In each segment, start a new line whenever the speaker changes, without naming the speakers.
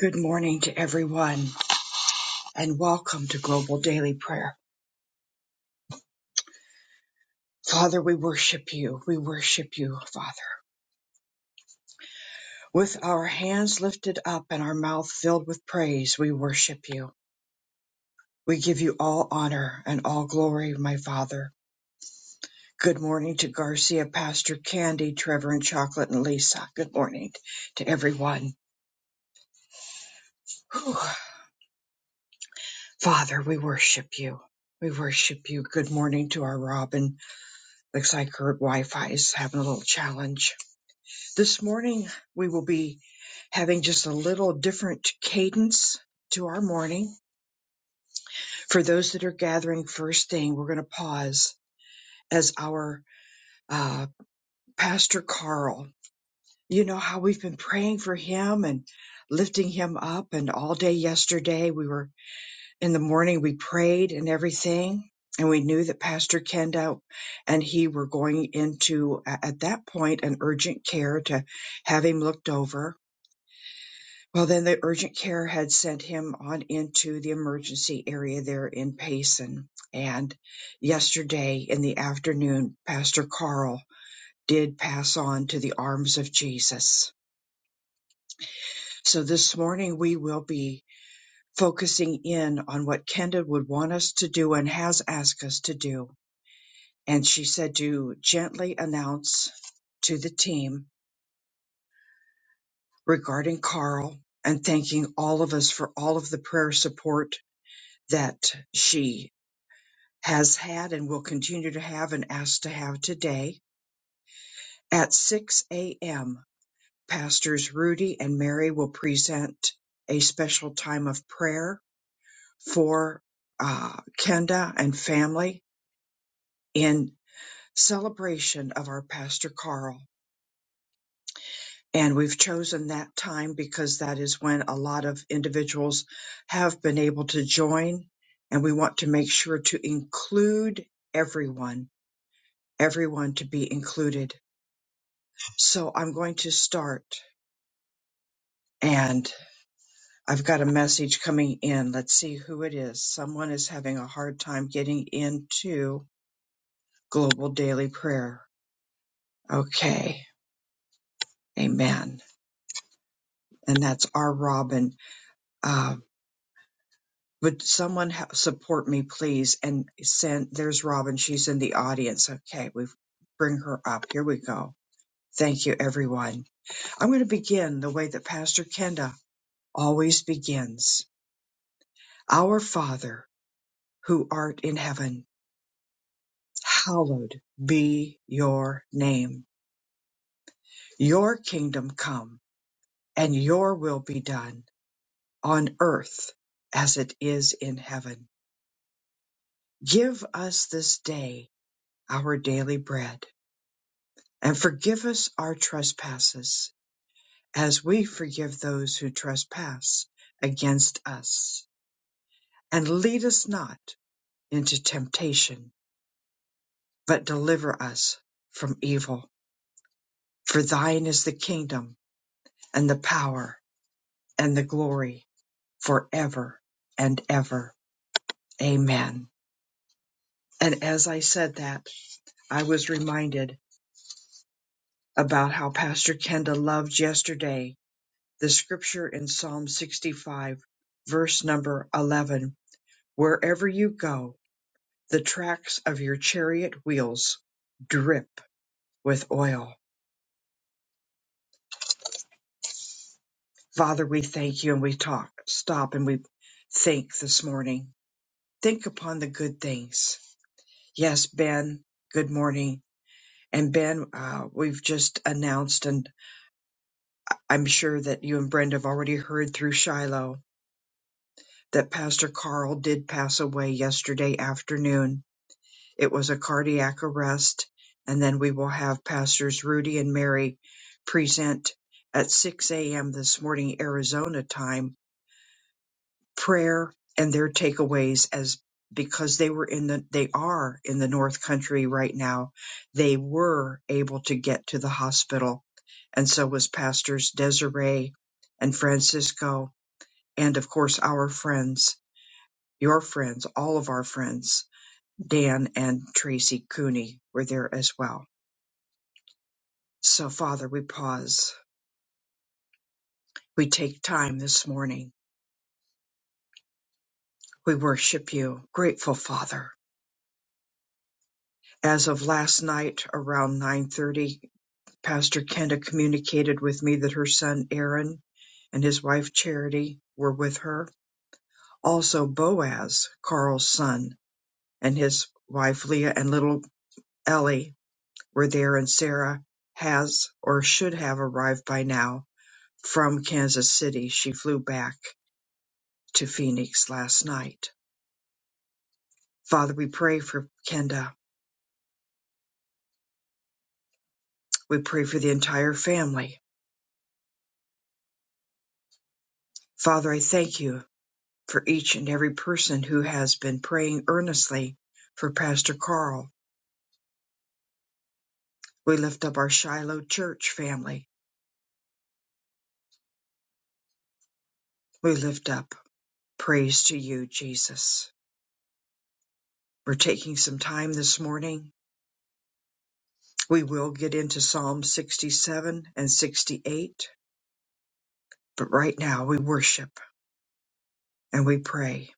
Good morning to everyone and welcome to Global Daily Prayer. Father, we worship you. We worship you, Father. With our hands lifted up and our mouth filled with praise, we worship you. We give you all honor and all glory, my Father. Good morning to Garcia, Pastor Candy, Trevor, and Chocolate, and Lisa. Good morning to everyone. Whew. Father, we worship you. We worship you. Good morning to our Robin. Looks like her Wi Fi is having a little challenge. This morning, we will be having just a little different cadence to our morning. For those that are gathering first thing, we're going to pause as our uh, Pastor Carl. You know how we've been praying for him and lifting him up, and all day yesterday, we were in the morning, we prayed and everything. And we knew that Pastor Kenda and he were going into, a- at that point, an urgent care to have him looked over Well, then the urgent care had sent him on into the emergency area there in Payson. And yesterday in the afternoon, Pastor Carl did pass on to the arms of Jesus. So this morning we will be focusing in on what Kenda would want us to do and has asked us to do. And she said to gently announce to the team regarding Carl and thanking all of us for all of the prayer support that she has had and will continue to have and ask to have today at 6 a.m. Pastors Rudy and Mary will present a special time of prayer for uh, Kenda and family in celebration of our Pastor Carl. And we've chosen that time because that is when a lot of individuals have been able to join. And we want to make sure to include everyone, everyone to be included. So I'm going to start, and I've got a message coming in. Let's see who it is. Someone is having a hard time getting into global daily prayer. Okay, amen. And that's our Robin. Uh, would someone ha- support me, please? And send, there's Robin. She's in the audience. Okay, we bring her up. Here we go. Thank you, everyone. I'm going to begin the way that Pastor Kenda always begins. Our Father who art in heaven, hallowed be your name. Your kingdom come, and your will be done on earth as it is in heaven. Give us this day our daily bread, and forgive us our trespasses, as we forgive those who trespass against us. And lead us not into temptation, but deliver us from evil. For thine is the kingdom and the power and the glory forever and ever. Amen. And as I said that, I was reminded about how Pastor Kenda loved yesterday the scripture in Psalm 65, verse number 11 Wherever you go, the tracks of your chariot wheels drip with oil. Father, we thank you and we talk, stop and we think this morning. Think upon the good things. Yes, Ben, good morning And Ben, uh, we've just announced, and I'm sure that you and Brenda have already heard through Shiloh that Pastor Carl did pass away yesterday afternoon. It was a cardiac arrest. And then we will have Pastors Rudy and Mary present at 6 a.m. this morning, Arizona time prayer and their takeaways as because they were in the they are in the north country right now they were able to get to the hospital and so was pastors desiree and francisco and of course our friends your friends all of our friends dan and tracy cooney were there as well so father we pause we take time this morning we worship you grateful father as of last night around 9:30 Pastor Kenda communicated with me that her son Aaron and his wife Charity were with her. Also, Boaz, Carl's son, and his wife Leah and little Ellie were there, and Sarah has or should have arrived by now from Kansas City. She flew back to Phoenix last night. Father, we pray for Kenda. We pray for the entire family. Father, I thank you for each and every person who has been praying earnestly for Pastor Carl. We lift up our Shiloh Church family. We lift up praise to you, Jesus. We're taking some time this morning. We will get into Psalm 67 and 68, but right now we worship and we pray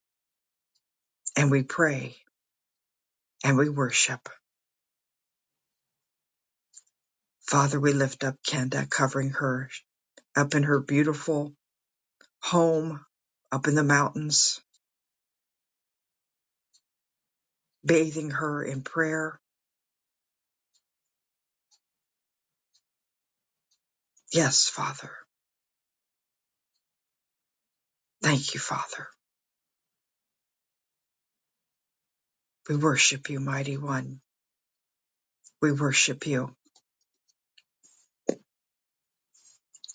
and we pray and we worship. Father, we lift up Kenda, covering her up in her beautiful home up in the mountains bathing her in prayer. Yes, Father. Thank you, Father. We worship you, Mighty One. We worship you.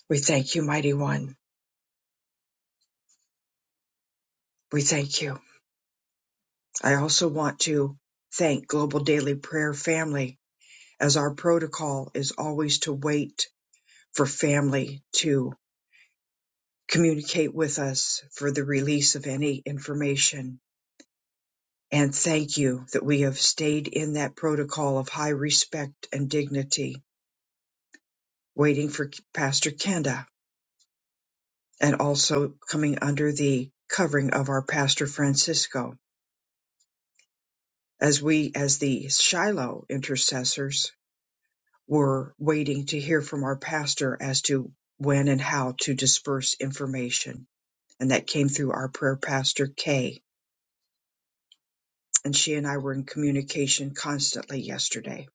We thank you, Mighty One. We thank you. I also want to thank Global Daily Prayer Family, as our protocol is always to wait for family to communicate with us for the release of any information. And thank you that we have stayed in that protocol of high respect and dignity, waiting for Pastor Kenda and also coming under the covering of our pastor Francisco as we as the Shiloh intercessors were waiting to hear from our pastor as to when and how to disperse information and that came through our prayer pastor Kay and she and I were in communication constantly yesterday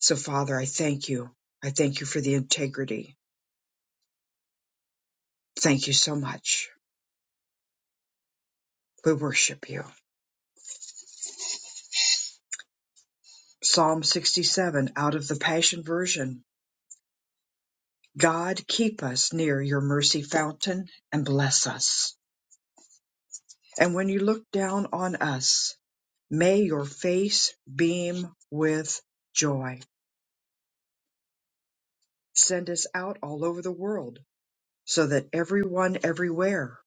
so father I thank you I thank you for the integrity thank you so much we worship you Psalm 67 out of the Passion Version God keep us near your mercy fountain and bless us. And when you look down on us, may your face beam with joy. Send us out all over the world so that everyone everywhere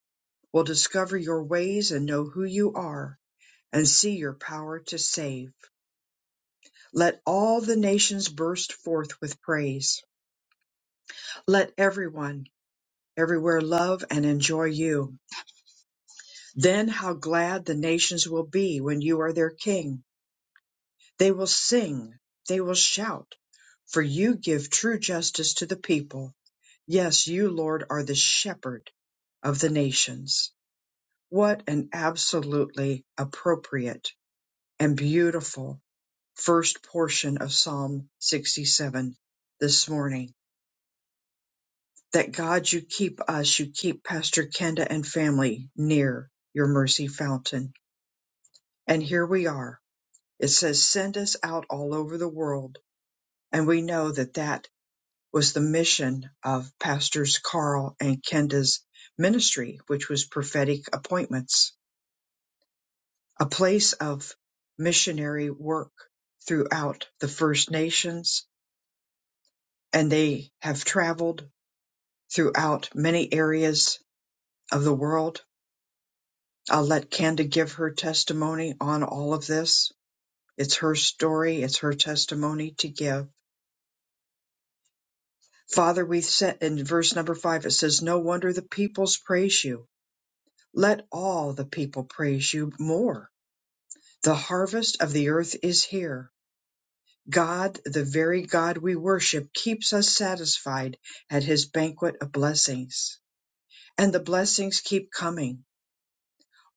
will discover your ways and know who you are and see your power to save. Let all the nations burst forth with praise. Let everyone everywhere love and enjoy you. Then how glad the nations will be when you are their king. They will sing, they will shout, for you give true justice to the people. Yes, you, Lord, are the shepherd of the nations. What an absolutely appropriate and beautiful first portion of Psalm 67 this morning. That God, you keep us, you keep Pastor Kenda and family near your mercy fountain. And here we are It says, send us out all over the world. And we know that that was the mission of Pastors Carl and Kenda's ministry, which was prophetic appointments, a place of missionary work throughout the First Nations. And they have traveled throughout many areas of the world. I'll let Kenda give her testimony on all of this. It's her story, it's her testimony to give Father, we said in verse number five, it says, No wonder the peoples praise you. Let all the people praise you more. The harvest of the earth is here. God, the very God we worship, keeps us satisfied at his banquet of blessings. And the blessings keep coming.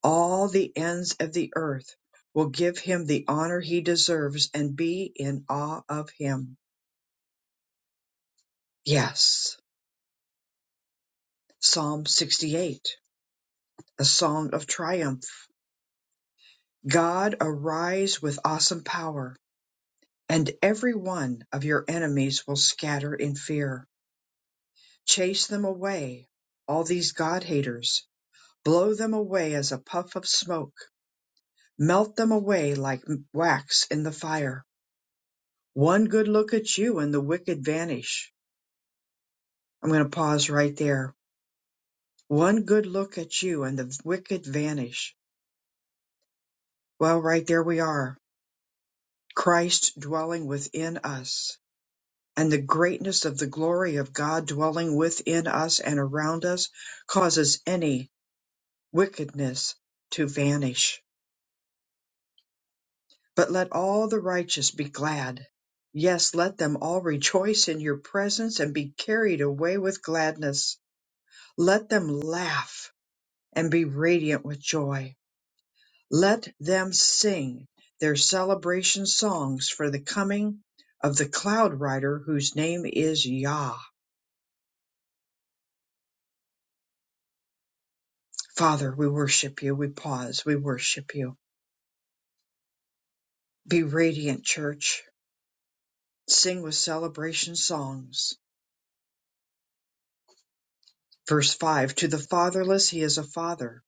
All the ends of the earth will give him the honor he deserves and be in awe of him. Yes. Psalm 68, a song of triumph God arise with awesome power, and every one of your enemies will scatter in fear. Chase them away, all these God haters. Blow them away as a puff of smoke. Melt them away like wax in the fire. One good look at you and the wicked vanish. I'm going to pause right there. One good look at you and the wicked vanish. Well, right there we are. Christ dwelling within us and the greatness of the glory of God dwelling within us and around us causes any wickedness to vanish. But let all the righteous be glad. Yes, let them all rejoice in your presence and be carried away with gladness. Let them laugh and be radiant with joy. Let them sing their celebration songs for the coming of the cloud rider whose name is Yah. Father, we worship you. We pause. We worship you. Be radiant, church. Sing with celebration songs. Verse 5 To the fatherless, he is a father.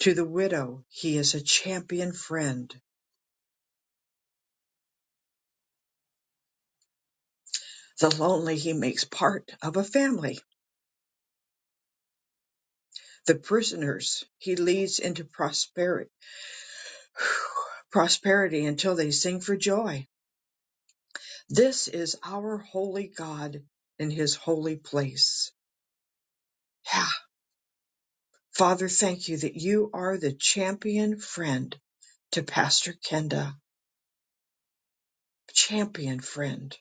To the widow, he is a champion friend. The lonely, he makes part of a family. The prisoners, he leads into prosperity. Prosperity until they sing for joy. This is our holy God in his holy place. Yeah. Father, thank you that you are the champion friend to Pastor Kenda, champion friend.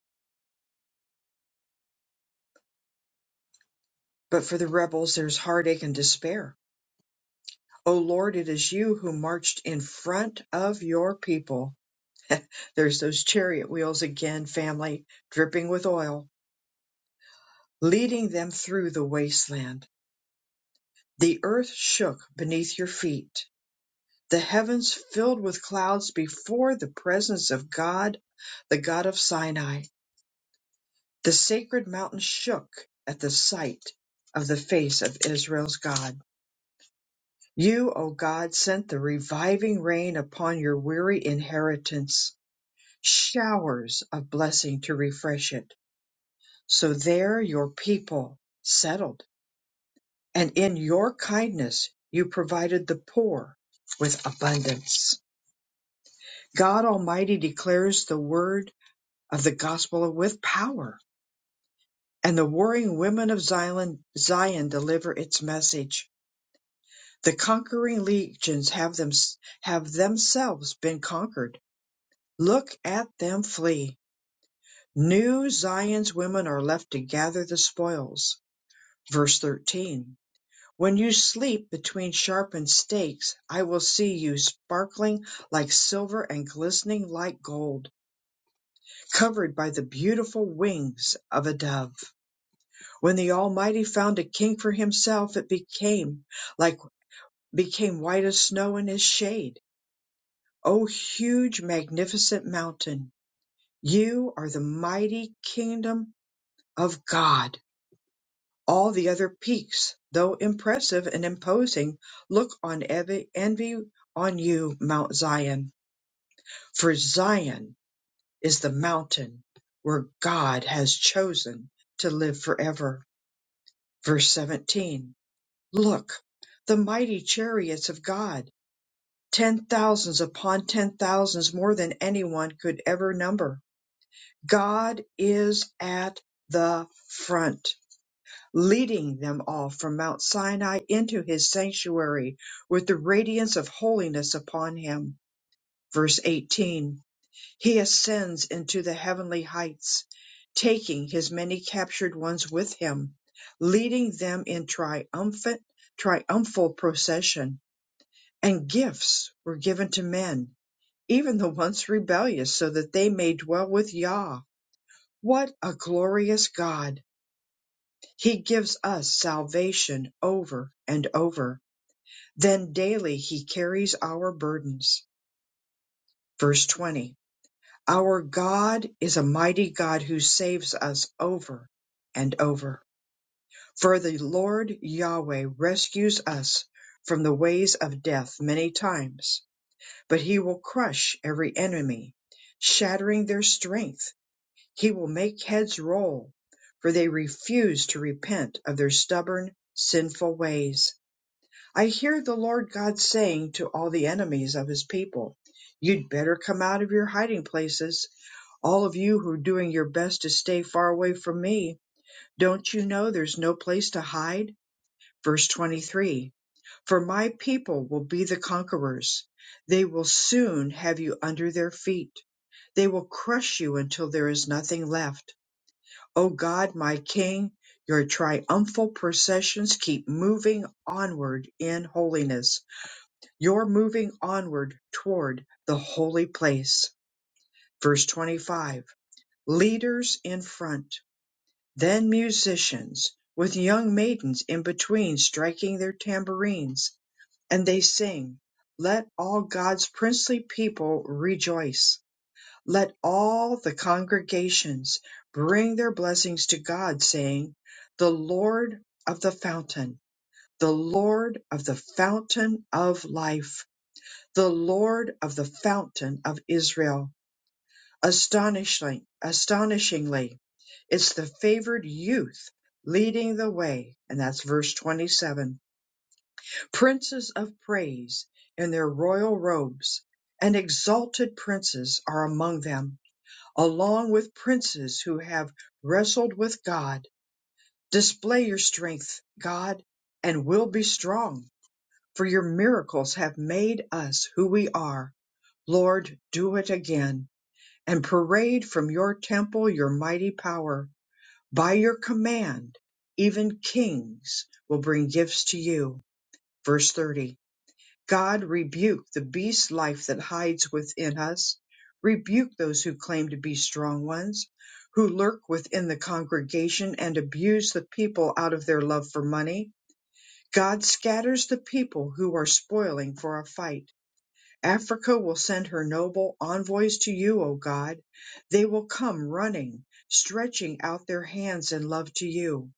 But for the rebels, there's heartache and despair. Oh Lord, it is you who marched in front of your people. There's those chariot wheels again, family, dripping with oil, leading them through the wasteland. The earth shook beneath your feet, the heavens filled with clouds before the presence of God, the God of Sinai. The sacred mountain shook at the sight of the face of Israel's God. You, O God, sent the reviving rain upon your weary inheritance, showers of blessing to refresh it. So there your people settled, and in your kindness you provided the poor with abundance. God Almighty declares the word of the gospel with power, and the warring women of Zion, Zion deliver its message The conquering legions have them have themselves been conquered. Look at them flee. New Zion's women are left to gather the spoils. Verse 13. When you sleep between sharpened stakes, I will see you sparkling like silver and glistening like gold, covered by the beautiful wings of a dove. When the Almighty found a king for himself, it became like became white as snow in his shade O huge, magnificent mountain, you are the mighty kingdom of God. All the other peaks, though impressive and imposing, look on envy, envy on you, Mount Zion. For Zion is the mountain where God has chosen to live forever. Verse 17 Look, the mighty chariots of God, ten thousands upon ten thousands more than anyone could ever number God is at the front, leading them all from Mount Sinai into his sanctuary with the radiance of holiness upon him. Verse 18 He ascends into the heavenly heights, taking his many captured ones with him, leading them in triumphant, triumphal procession. And gifts were given to men, even the once rebellious, so that they may dwell with Yah what a glorious God! He gives us salvation over and over. Then daily he carries our burdens. Verse 20. Our God is a mighty God who saves us over and over. For the Lord Yahweh rescues us from the ways of death many times, but he will crush every enemy, shattering their strength He will make heads roll, for they refuse to repent of their stubborn, sinful ways. I hear the Lord God saying to all the enemies of his people, You'd better come out of your hiding places, all of you who are doing your best to stay far away from me. Don't you know there's no place to hide? Verse 23 For my people will be the conquerors. They will soon have you under their feet. They will crush you until there is nothing left O God, my King, your triumphal processions keep moving onward in holiness. You're moving onward toward the holy place. Verse 25 Leaders in front, then musicians, with young maidens in between striking their tambourines. And they sing, Let all God's princely people rejoice. Let all the congregations bring their blessings to God, saying, The Lord of the fountain, the Lord of the fountain of life, the Lord of the fountain of Israel. Astonishingly, astonishingly, it's the favored youth leading the way. And that's verse 27. Princes of praise in their royal robes and exalted princes are among them along with princes who have wrestled with God. Display your strength, God, and will be strong, for your miracles have made us who we are. Lord, do it again and parade from your temple your mighty power. By your command, even kings will bring gifts to you. Verse 30. God rebuke the beast life that hides within us. Rebuke those who claim to be strong ones, who lurk within the congregation and abuse the people out of their love for money. God scatters the people who are spoiling for a fight. Africa will send her noble envoys to you, O God. They will come running, stretching out their hands in love to you.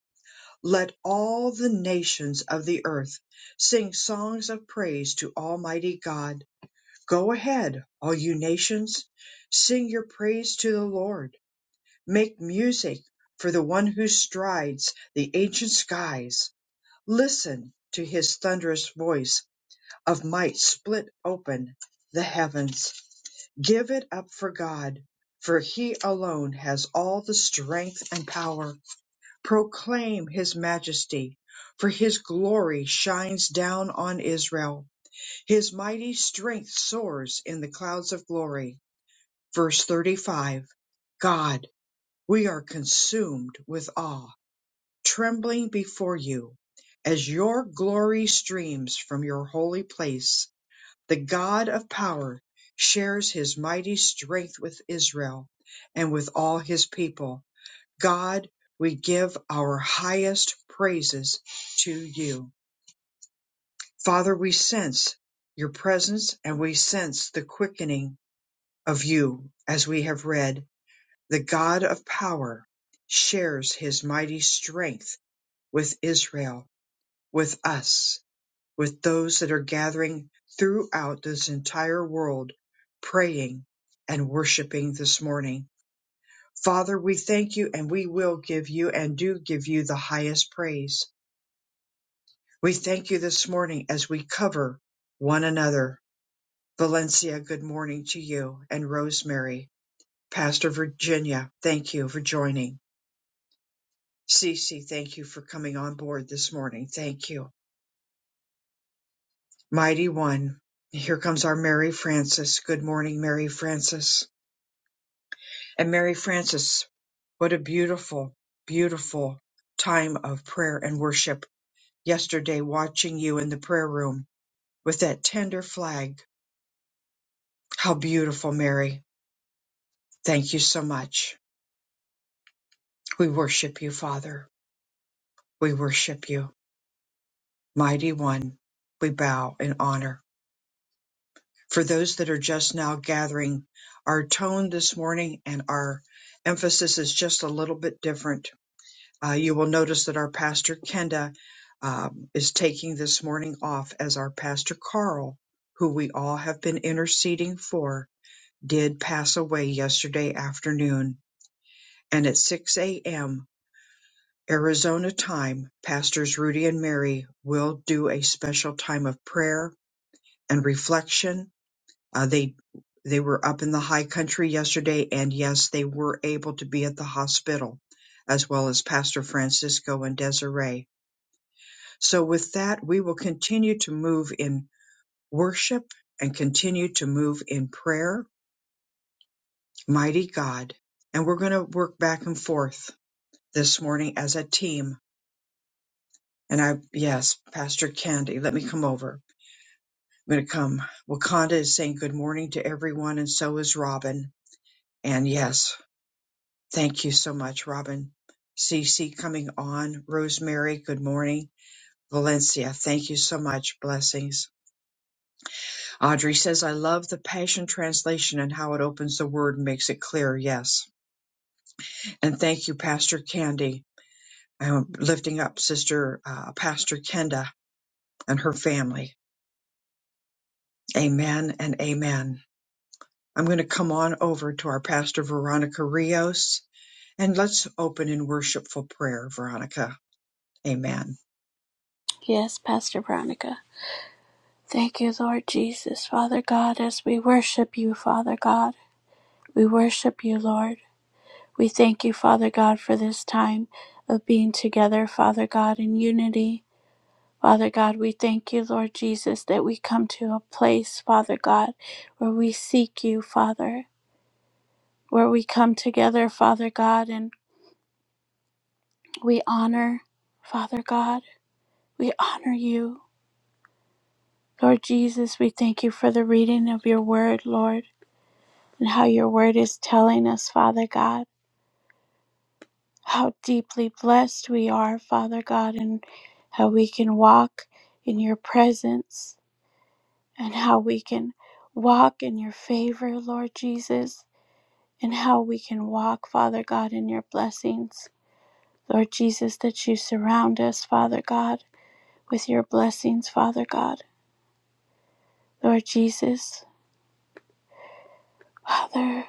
Let all the nations of the earth sing songs of praise to Almighty God Go ahead, all you nations, sing your praise to the Lord. Make music for the one who strides the ancient skies. Listen to his thunderous voice of might split open the heavens. Give it up for God, for he alone has all the strength and power. Proclaim his majesty, for his glory shines down on Israel. His mighty strength soars in the clouds of glory. Verse 35 God, we are consumed with awe, trembling before you, as your glory streams from your holy place. The God of power shares his mighty strength with Israel and with all his people. God, we give our highest praises to you. Father, we sense your presence and we sense the quickening of you as we have read the God of power, shares his mighty strength with Israel, with us, with those that are gathering throughout this entire world, praying and worshiping this morning. Father, we thank you and we will give you and do give you the highest praise. We thank you this morning as we cover one another. Valencia, good morning to you and Rosemary. Pastor Virginia, thank you for joining. Cece, thank you for coming on board this morning. Thank you. Mighty One. Here comes our Mary Frances. Good morning, Mary Frances. And Mary Frances, what a beautiful, beautiful time of prayer and worship. Yesterday, watching you in the prayer room with that tender flag. How beautiful, Mary. Thank you so much. We worship you, Father. We worship you, Mighty One. We bow in honor. for those that are just now gathering, our tone this morning and our emphasis is just a little bit different. Uh, you will notice that our pastor Kenda um, is taking this morning off as our pastor Carl, who we all have been interceding for, did pass away yesterday afternoon. And at 6 a.m. Arizona time, pastors Rudy and Mary will do a special time of prayer and reflection Uh, they they were up in the high country yesterday, and yes, they were able to be at the hospital, as well as Pastor Francisco and Desiree. So, with that, we will continue to move in worship and continue to move in prayer, mighty God. And we're going to work back and forth this morning as a team. And I, yes, Pastor Candy, let me come over. I'm going to come. Wakanda is saying good morning to everyone, and so is Robin. And yes. Thank you so much, Robin. Cece coming on. Rosemary, good morning. Valencia, thank you so much. Blessings. Audrey says, I love the Passion Translation and how it opens the word and makes it clear. Yes. And thank you, Pastor Candy. I'm lifting up Sister uh, Pastor Kenda and her family. Amen and amen. I'm going to come on over to our Pastor Veronica Rios and let's open in worshipful prayer, Veronica. Amen.
Yes, Pastor Veronica. Thank you, Lord Jesus, Father God, as we worship you, Father God. We worship you, Lord. We thank you, Father God, for this time of being together, Father God, in unity. Father God, we thank you, Lord Jesus, that we come to a place, Father God, where we seek you, Father, where we come together, Father God, and we honor, Father God, we honor you. Lord Jesus, we thank you for the reading of your word, Lord. and how your word is telling us, Father God, how deeply blessed we are, Father God, and how we can walk in your presence and how we can walk in your favor, Lord Jesus, and how we can walk, Father God, in your blessings. Lord Jesus, that you surround us, Father God, with your blessings, Father God. Lord Jesus, Father,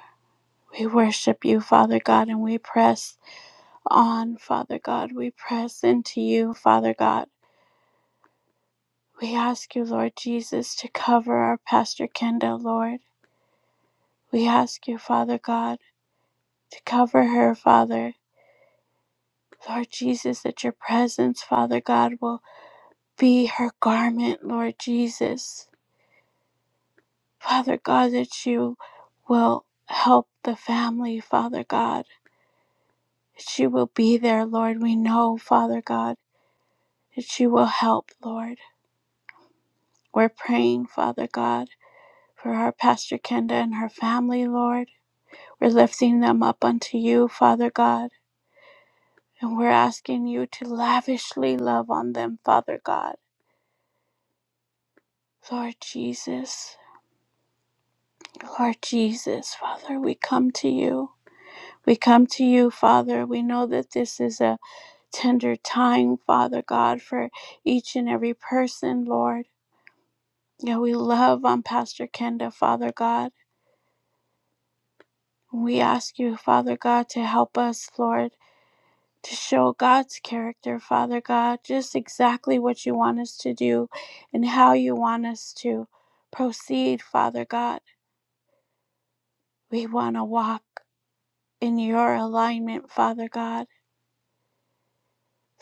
we worship you, Father God, and we press on, Father God. We press into you, Father God. We ask you, Lord Jesus, to cover our Pastor Kenda, Lord. We ask you, Father God, to cover her, Father. Lord Jesus, that your presence, Father God, will be her garment, Lord Jesus. Father God, that you will help the family, Father God. That you will be there, Lord. We know, Father God, that you will help, Lord. We're praying, Father God. for our Pastor Kenda and her family, Lord. We're lifting them up unto you, Father God, and we're asking you to lavishly love on them, Father God. Lord Jesus, Lord Jesus, Father, we come to you. We come to you, Father. We know that this is a tender time, Father God, for each and every person, Lord. Yeah, we love on Pastor Kenda, Father God. We ask you, Father God, to help us, Lord to show God's character, Father God, just exactly what you want us to do and how you want us to proceed, Father God. We want to walk in your alignment, Father God.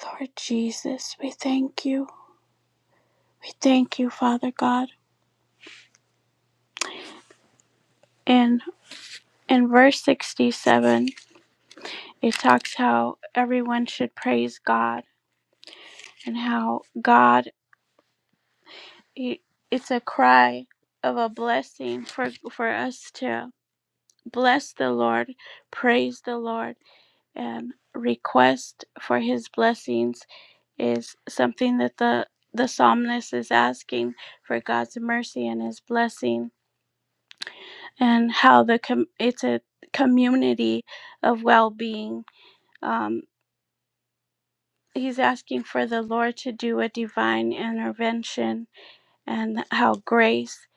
Lord Jesus, we thank you. We thank you, Father God. And in verse 67, it talks how everyone should praise God and how God, it- it's a cry of a blessing for, for us to bless the Lord, praise the Lord, and request for his blessings is something that the the psalmist is asking for God's mercy and his blessing and how the com- it's a community of well-being um he's asking for the Lord to do a divine intervention and how grace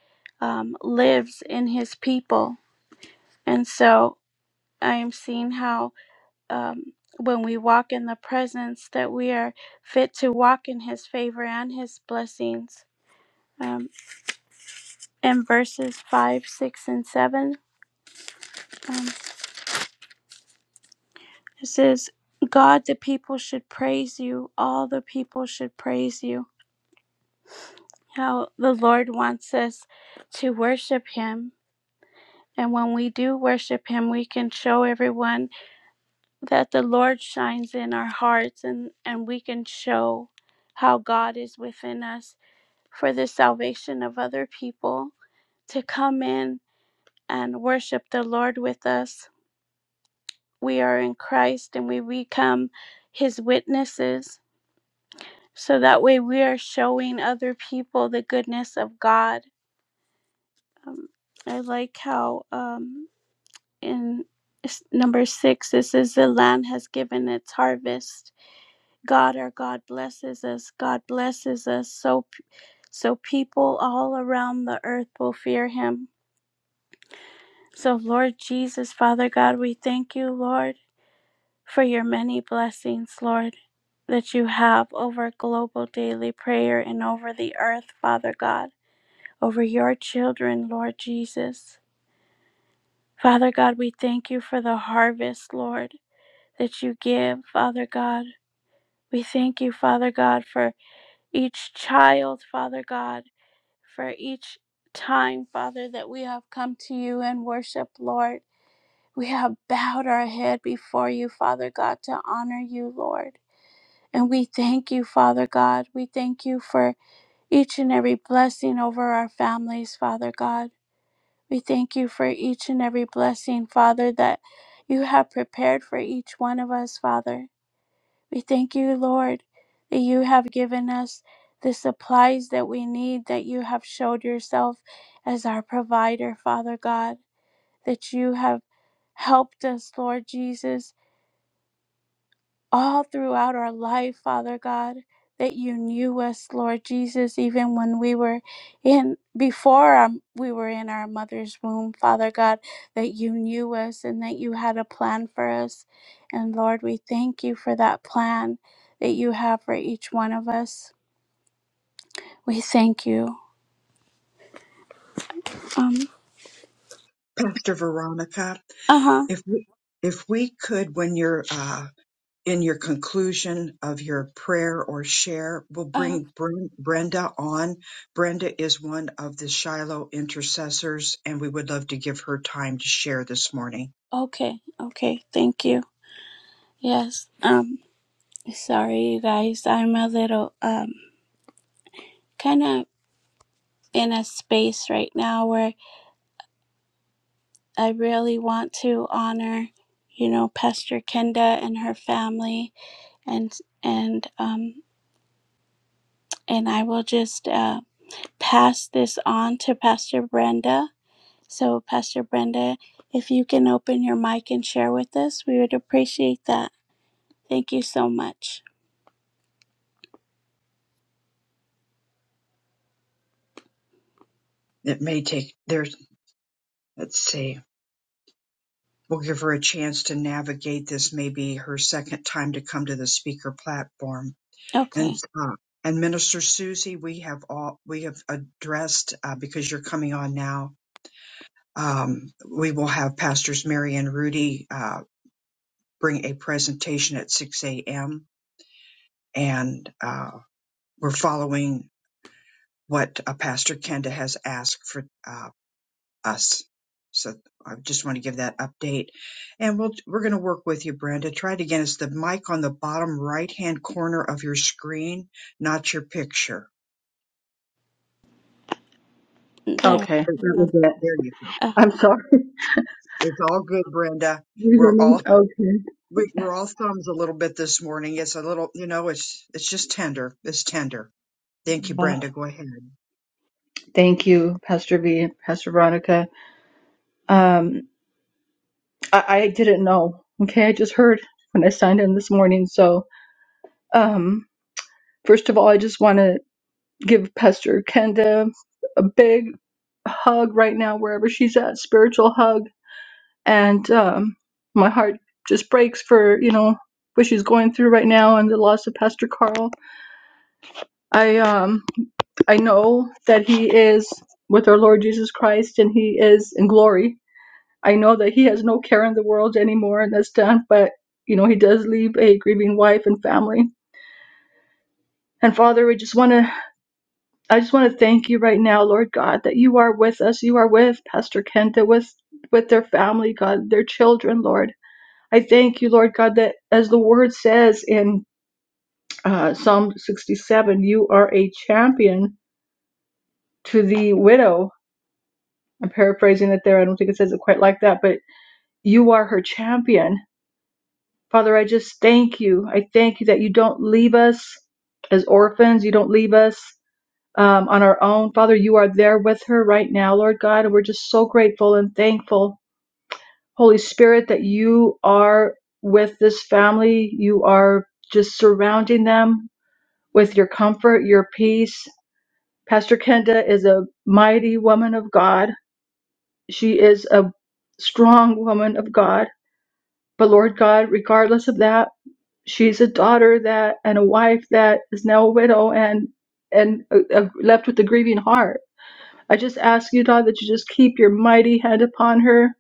um, lives in his people and so I am seeing how um, when we walk in the presence that we are fit to walk in his favor and his blessings um, in verses 5 6 and 7 um, it says god the people should praise you all the people should praise you how the lord wants us to worship him and when we do worship him we can show everyone that the lord shines in our hearts and and we can show how god is within us for the salvation of other people to come in and worship the Lord with us. We are in Christ and we become his witnesses. So that way we are showing other people the goodness of God. Um, I like how um, in number six it says, The land has given its harvest. God, our God, blesses us. God blesses us so, so people all around the earth will fear him So, Lord Jesus, Father God, we thank you, Lord, for your many blessings, Lord, that you have over global daily prayer and over the earth, Father God, over your children, Lord Jesus. Father God, we thank you for the harvest, Lord, that you give, Father God. We thank you, Father God, for each child, Father God, for each time, Father, that we have come to you and worship, Lord. We have bowed our head before you, Father God, to honor you, Lord. And we thank you, Father God. We thank you for each and every blessing over our families, Father God. We thank you for each and every blessing, Father, that you have prepared for each one of us, Father. We thank you, Lord, that you have given us the supplies that we need, that you have showed yourself as our provider, Father God, that you have helped us, Lord Jesus all throughout our life, Father God, that you knew us, Lord Jesus, even when we were in before um, we were in our mother's womb, Father God, that you knew us and that you had a plan for us. And Lord, we thank you for that plan that you have for each one of us. We thank you. Um
Pastor Veronica,
uh-huh.
if we, if we could, when you're uh, in your conclusion of your prayer or share, we'll
Uh,
bring Bren- Brenda on. Brenda is one of the Shiloh intercessors, and we would love to give her time to share this morning.
okay. Okay. Thank you. Yes. Um sorry you guys. I'm a little um kind of in a space right now where I really want to honor, you know, Pastor Kenda and her family, and and um and I will just uh, pass this on to Pastor Brenda. So, Pastor Brenda, if you can open your mic and share with us, we would appreciate that. Thank you so much.
It may take. There's Let's see. We'll give her a chance to navigate this. Maybe her second time to come to the speaker platform. And
Okay,
uh, and Minister Susie, we have all we have addressed uh, because you're coming on now. Um, we will have pastors Mary and Rudy uh, bring a presentation at 6 a.m. and uh, we're following what uh, Pastor Kenda has asked for. Uh, us. So I just want to give that update. And we'll, we're going to work with you, Brenda. Try it again. It's the mic on the bottom right hand corner of your screen, not your picture.
there.
Okay,
There
that was it.
there you go.
Uh,
I'm sorry.
It's all good, Brenda.
You hear
We're
me?
all
Okay.
we, we're all thumbs a little bit this morning. It's a little, you know, it's it's just tender. It's tender. Thank you,
Uh,
Brenda. Go ahead.
thank you, Pastor V, Pastor Veronica. Um, I, I didn't know. Okay, I just heard when I signed in this morning. So, um, first of all, I just want to give Pastor Kenda a big hug right now, wherever she's at, spiritual hug. And um, my heart just breaks for you know what she's going through right now and the loss of Pastor Carl I um I know that he is with our Lord Jesus Christ and he is in glory. I know that he has no care in the world anymore and that's done, but you know, he does leave a grieving wife and family. And Father, we just want to I just want to thank you right now, Lord God, that you are with us. You are with Pastor Kenta with with their family, God, their children, Lord. I thank you, Lord God, that as the word says in uh, Psalm 67, you are a champion to the widow I'm paraphrasing it there. I don't think it says it quite like that, but you are her champion. Father, I just thank you. I thank you that you don't leave us as orphans. You don't leave us um, on our own. Father, you are there with her right now, Lord God, and we're just so grateful and thankful, Holy Spirit, that you are with this family. You are just surrounding them with your comfort, your peace. Pastor Kenda is a mighty woman of God. She is a strong woman of God But Lord God, regardless of that, she's a daughter that and a wife that is now a widow and and uh, uh, left with a grieving heart. I just ask you, God, that you just keep your mighty hand upon her,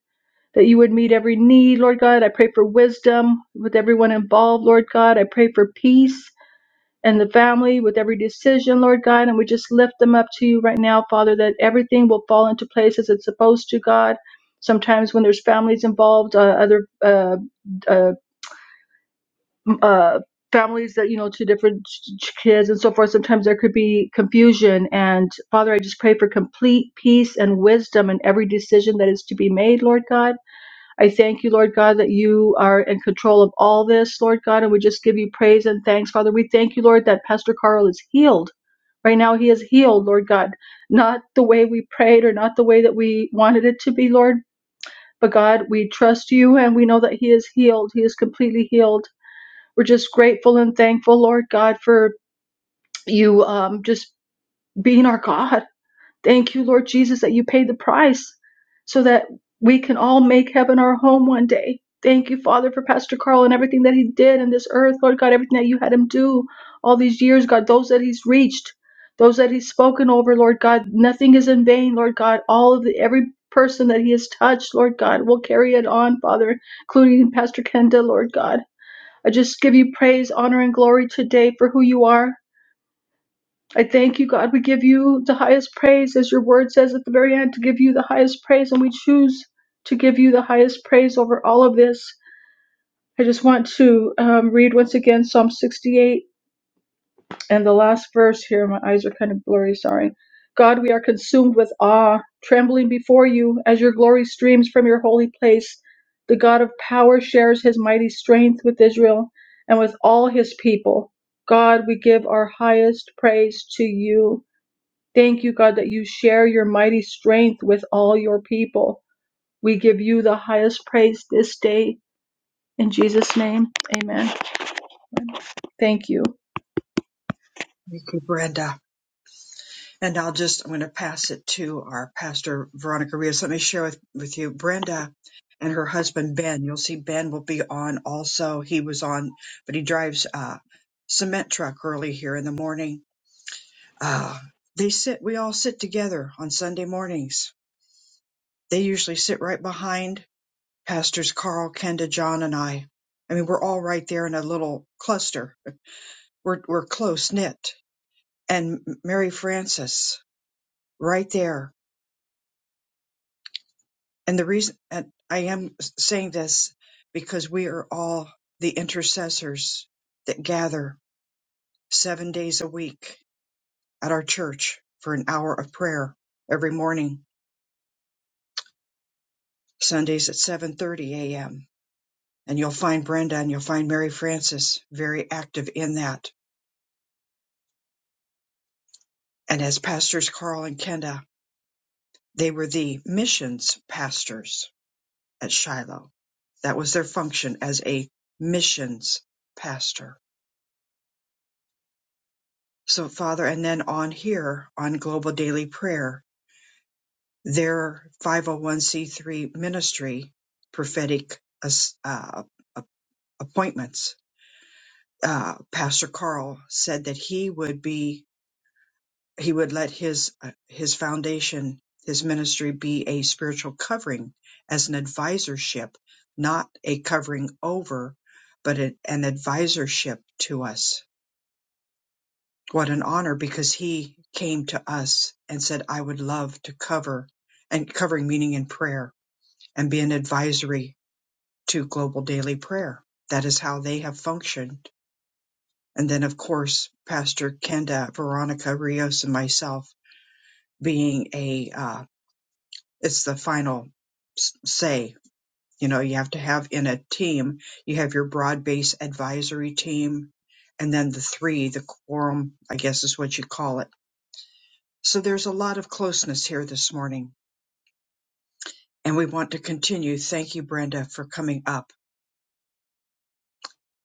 that you would meet every need, Lord God. I pray for wisdom with everyone involved, Lord God. I pray for peace and the family with every decision, Lord God. And we just lift them up to you right now, Father, that everything will fall into place as it's supposed to, God. Sometimes when there's families involved, uh, other uh, uh, uh, families that you know to different ch- kids and so forth sometimes there could be confusion and father i just pray for complete peace and wisdom in every decision that is to be made lord god i thank you lord god that you are in control of all this lord god and we just give you praise and thanks father we thank you lord that pastor carl is healed right now he is healed lord god not the way we prayed or not the way that we wanted it to be lord but god we trust you and we know that he is healed he is completely healed we're just grateful and thankful, Lord God, for you um, just being our God. Thank you, Lord Jesus, that you paid the price so that we can all make heaven our home one day. Thank you, Father, for Pastor Carl and everything that he did in this earth, Lord God, everything that you had him do all these years, God, those that he's reached, those that he's spoken over, Lord God. Nothing is in vain, Lord God. All of the, every person that he has touched, Lord God, will carry it on, Father, including Pastor Kenda, Lord God. I just give you praise, honor, and glory today for who you are. I thank you, God. We give you the highest praise, as your word says at the very end, to give you the highest praise, and we choose to give you the highest praise over all of this. I just want to um, read once again Psalm 68. and the last verse here, my eyes are kind of blurry, sorry. God, we are consumed with awe, trembling before you as your glory streams from your holy place. The God of power shares his mighty strength with Israel and with all his people. God, we give our highest praise to you. Thank you, God, that you share your mighty strength with all your people. We give you the highest praise this day. In Jesus' name, amen. Thank you.
Thank you, Brenda. And I'll just, I'm going to pass it to our pastor, Veronica Rios. Let me share with, with you Brenda and her husband, Ben. You'll see Ben will be on also. He was on, but he drives a cement truck early here in the morning. Uh, they sit, we all sit together on Sunday mornings. They usually sit right behind pastors Carl, Kenda, John, and I. I mean, we're all right there in a little cluster. We're, we're close knit. And Mary Frances, right there And the reason and I am saying this because we are all the intercessors that gather seven days a week at our church for an hour of prayer every morning, Sundays at 7:30 a.m. And you'll find Brenda and you'll find Mary Frances very active in that. And as pastors Carl and Kenda, they were the missions pastors at Shiloh. That was their function as a missions pastor So, Father, and then on here on Global Daily Prayer, their 501c3 ministry prophetic uh, appointments, uh, Pastor Carl said that he would be he would let his uh, his foundation his ministry be a spiritual covering as an advisorship, not a covering over, but an an advisorship to us What an honor because he came to us and said, I would love to cover and covering meaning in prayer and be an advisory to global daily prayer. That is how they have functioned. And then, of course, Pastor Kenda, Veronica Rios, and myself being a, uh, it's the final s- say. You know, you have to have in a team, you have your broad base advisory team, and then the three, the quorum, I guess is what you call it So there's a lot of closeness here this morning, and we want to continue. Thank you, Brenda, for coming up.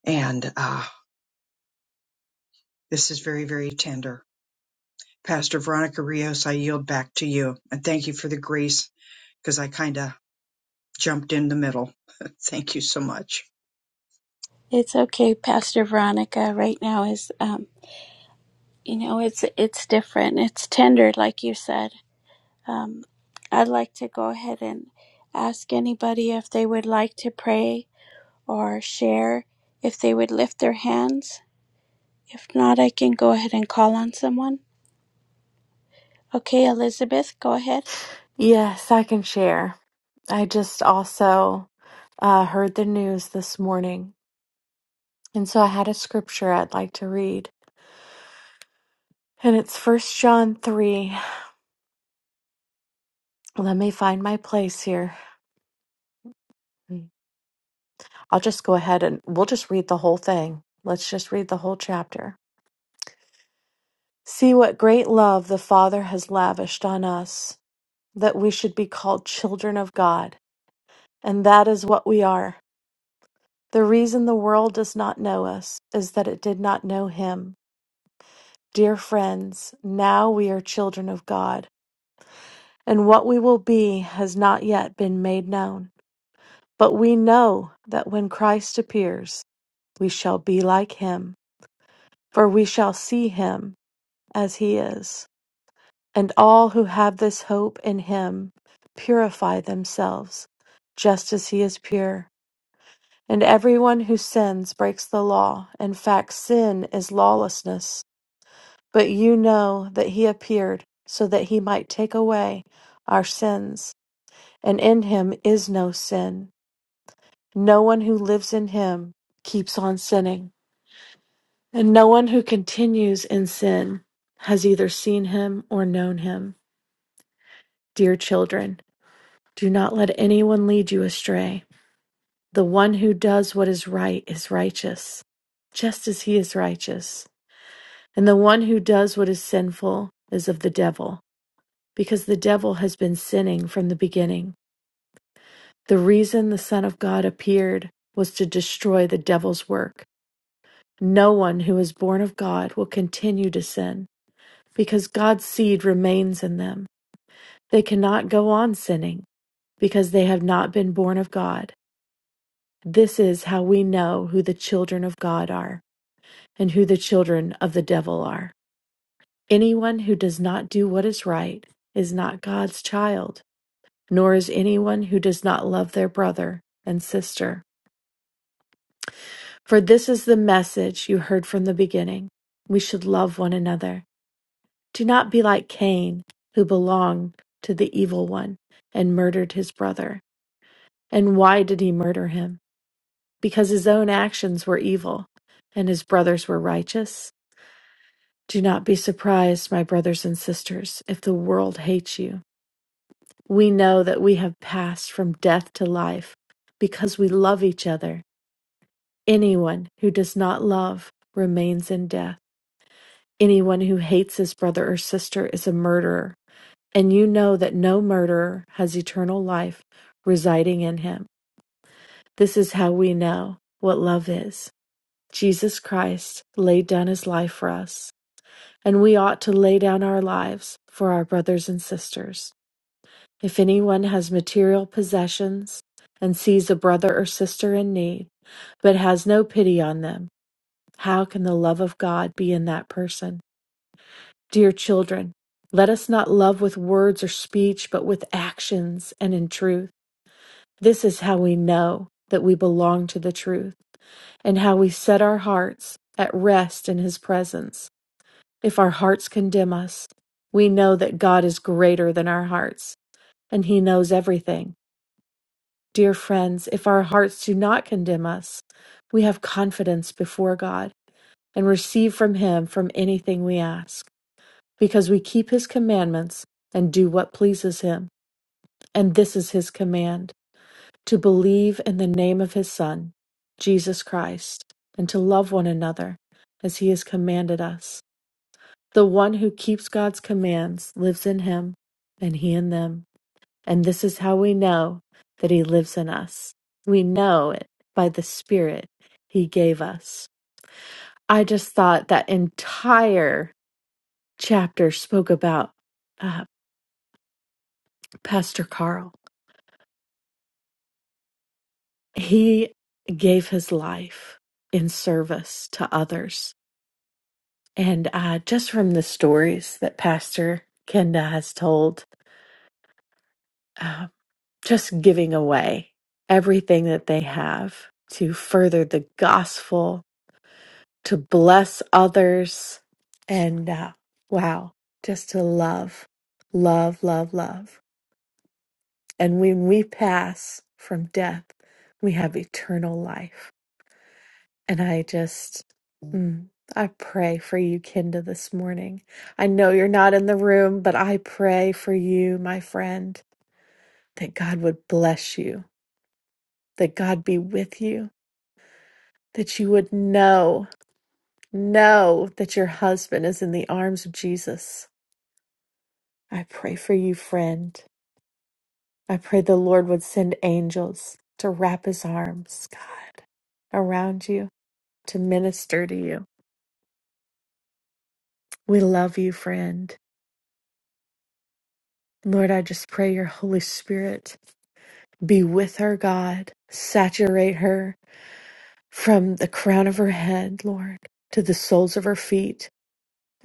And uh, this is very, very tender. Pastor Veronica Rios, I yield back to you. And thank you for the grace because I kind of jumped in the middle. thank you so much.
it's okay, Pastor Veronica. Right now is um, you know, it's it's different. It's tender, like you said Um, I'd like to go ahead and ask anybody if they would like to pray or share, if they would lift their hands. If not, I can go ahead and call on someone. Okay, Elizabeth, go ahead.
Yes, I can share. I just also uh, heard the news this morning, and so I had a scripture I'd like to read, and it's First John 3. Let me find my place here. Mm. I'll just go ahead and we'll just read the whole thing. Let's just read the whole chapter. See what great love the Father has lavished on us, that we should be called children of God, and that is what we are. The reason the world does not know us is that it did not know Him. Dear friends, now we are children of God, and what we will be has not yet been made known. But we know that when Christ appears, we shall be like him, for we shall see him as he is. And all who have this hope in him purify themselves, just as he is pure. And everyone who sins breaks the law. In fact, sin is lawlessness. But you know that he appeared so that he might take away our sins, and in him is no sin. No one who lives in him keeps on sinning, and no one who continues in sin has either seen him or known him. Dear children, do not let anyone lead you astray. The one who does what is right is righteous, just as he is righteous, and the one who does what is sinful is of the devil because the devil has been sinning from the beginning. The reason the Son of God appeared was to destroy the devil's work. No one who is born of God will continue to sin because God's seed remains in them. They cannot go on sinning because they have not been born of God. This is how we know who the children of God are and who the children of the devil are. Anyone who does not do what is right is not God's child nor is anyone who does not love their brother and sister. For this is the message you heard from the beginning. We should love one another. Do not be like Cain, who belonged to the evil one and murdered his brother. And why did he murder him? Because his own actions were evil and his brothers were righteous. Do not be surprised, my brothers and sisters, if the world hates you. We know that we have passed from death to life because we love each other. Anyone who does not love remains in death. Anyone who hates his brother or sister is a murderer, and you know that no murderer has eternal life residing in him. This is how we know what love is. Jesus Christ laid down his life for us, and we ought to lay down our lives for our brothers and sisters. If anyone has material possessions and sees a brother or sister in need, but has no pity on them, How can the love of God be in that person? Dear children, let us not love with words or speech, but with actions and in truth. This is how we know that we belong to the truth and how we set our hearts at rest in His presence. If our hearts condemn us, we know that God is greater than our hearts and He knows everything. Dear friends, if our hearts do not condemn us, we have confidence before God and receive from Him from anything we ask. because we keep his commandments and do what pleases him. And this is his command to believe in the name of his Son, Jesus Christ, and to love one another as he has commanded us. The one who keeps God's commands lives in him, and he in them. And this is how we know that he lives in us. We know it by the Spirit he gave us. I just thought that entire chapter spoke about uh, Pastor Carl he gave his life in service to others. And uh, just from the stories that Pastor Kenda has told, uh, just giving away everything that they have to further the gospel, to bless others, and uh, wow, just to love, love, love, love. And when we pass from death, we have eternal life. And I just, mm, I pray for you, Kenda, this morning. I know you're not in the room, but I pray for you, my friend, that God would bless you, that God be with you, that you would know, know that your husband is in the arms of Jesus. I pray for you, friend. I pray the Lord would send angels to wrap his arms, God, around you, to minister to you. We love you, friend. Lord, I just pray your Holy Spirit be with her, God. Saturate her from the crown of her head, Lord, to the soles of her feet.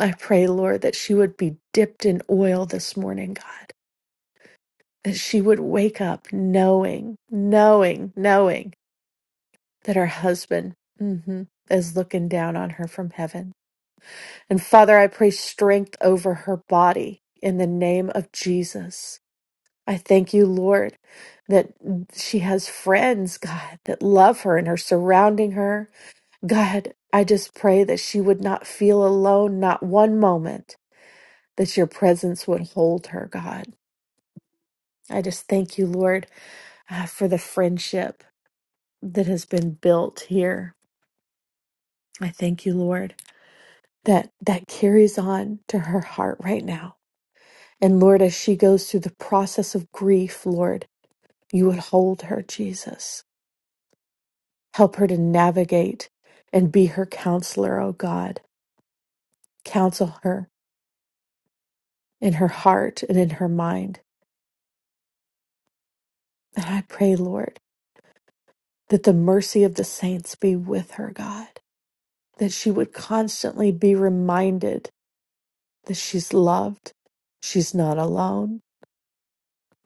I pray, Lord, that she would be dipped in oil this morning, God. That she would wake up knowing, knowing, knowing that her husband mhm, is looking down on her from heaven. And Father, I pray strength over her body in the name of Jesus. I thank you, Lord, that she has friends, God, that love her and are surrounding her. God, I just pray that she would not feel alone, not one moment, that your presence would hold her, God. I just thank you, Lord, uh, for the friendship that has been built here. I thank you, Lord, that that carries on to her heart right now. And Lord, as she goes through the process of grief, Lord, you would hold her, Jesus. Help her to navigate and be her counselor, O God. Counsel her in her heart and in her mind. And I pray, Lord, that the mercy of the saints be with her, God, that she would constantly be reminded that she's loved, she's not alone,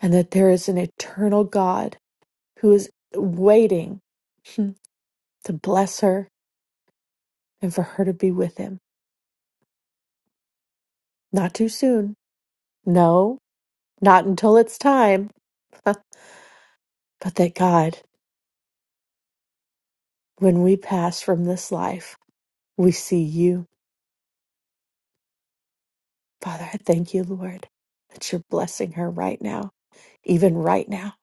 and that there is an eternal God who is waiting hmm, to bless her and for her to be with him. Not too soon. No, not until it's time. but that God When we pass from this life, we see you. Father, I thank you, Lord, that you're blessing her right now, even right now.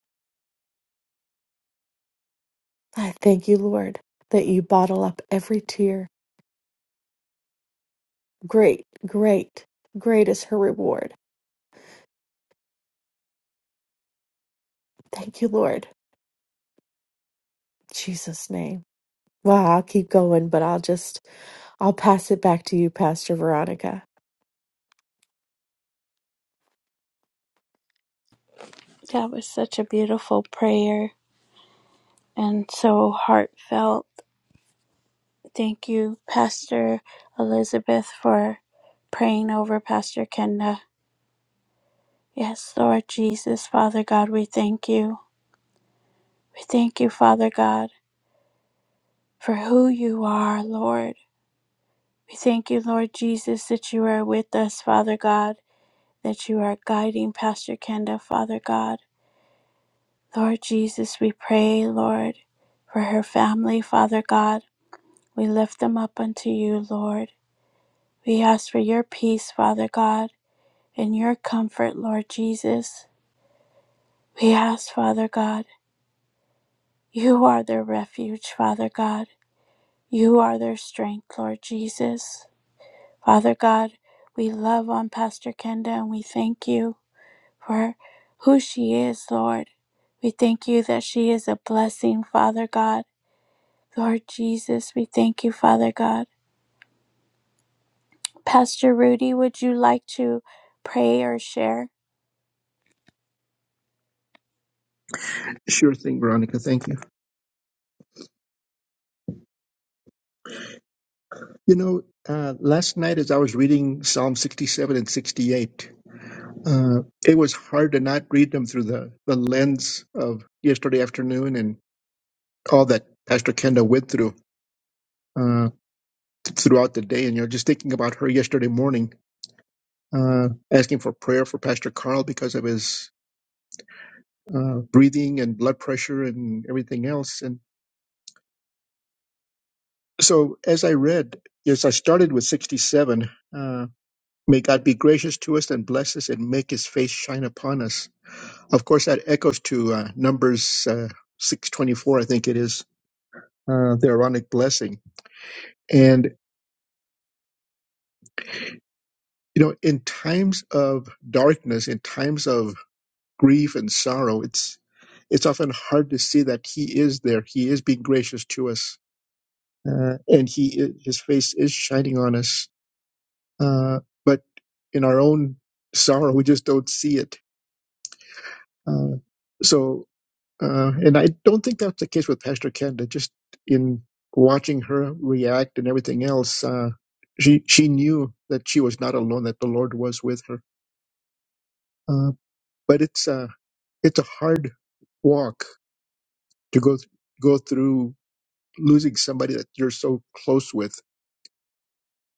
I thank you, Lord, that you bottle up every tear. Great, great, great is her reward. Thank you, Lord. In Jesus' name. Wow, I'll keep going, but I'll just I'll pass it back to you, Pastor Veronica.
That was such a beautiful prayer and so heartfelt. Thank you, Pastor Elizabeth, for praying over Pastor Kenda. Yes, Lord Jesus, Father God, we thank you. We thank you, Father God, for who you are, Lord. We thank you, Lord Jesus, that you are with us, Father God, that you are guiding Pastor Kenda, Father God. Lord Jesus, we pray, Lord, for her family, Father God. We lift them up unto you, Lord. We ask for your peace, Father God, and your comfort, Lord Jesus. We ask, Father God, you are their refuge, Father God. You are their strength, Lord Jesus. Father God, we love on Pastor Kenda and we thank you. for who she is, Lord. We thank you that she is a blessing, Father God. Lord Jesus, we thank you, Father God. Pastor Rudy, would you like to pray or share?
Sure thing, Veronica. Thank you. You know, uh, last night as I was reading Psalm 67 and 68, uh, it was hard to not read them through the, the lens of yesterday afternoon and all that Pastor Kenda went through uh, throughout the day. And, you know, just thinking about her yesterday morning, uh, asking for prayer for Pastor Carl because of his uh, breathing and blood pressure and everything else. And so as I read, yes, I started with 67. Uh, May God be gracious to us and bless us and make his face shine upon us. Of course, that echoes to uh, Numbers uh, 624, I think it is, uh, the Aaronic blessing. And, you know, in times of darkness, in times of grief and sorrow, it's it's often hard to see that he is there. He is being gracious to us, uh, and he i- his face is shining on us. Uh, but in our own sorrow, we just don't see it. Uh, so Uh, and I don't think that's the case with Pastor Kenda. Just in watching her react and everything else, uh, she she knew that she was not alone; that the Lord was with her. Uh, but it's uh, it's a hard walk to go go through losing somebody that you're so close with.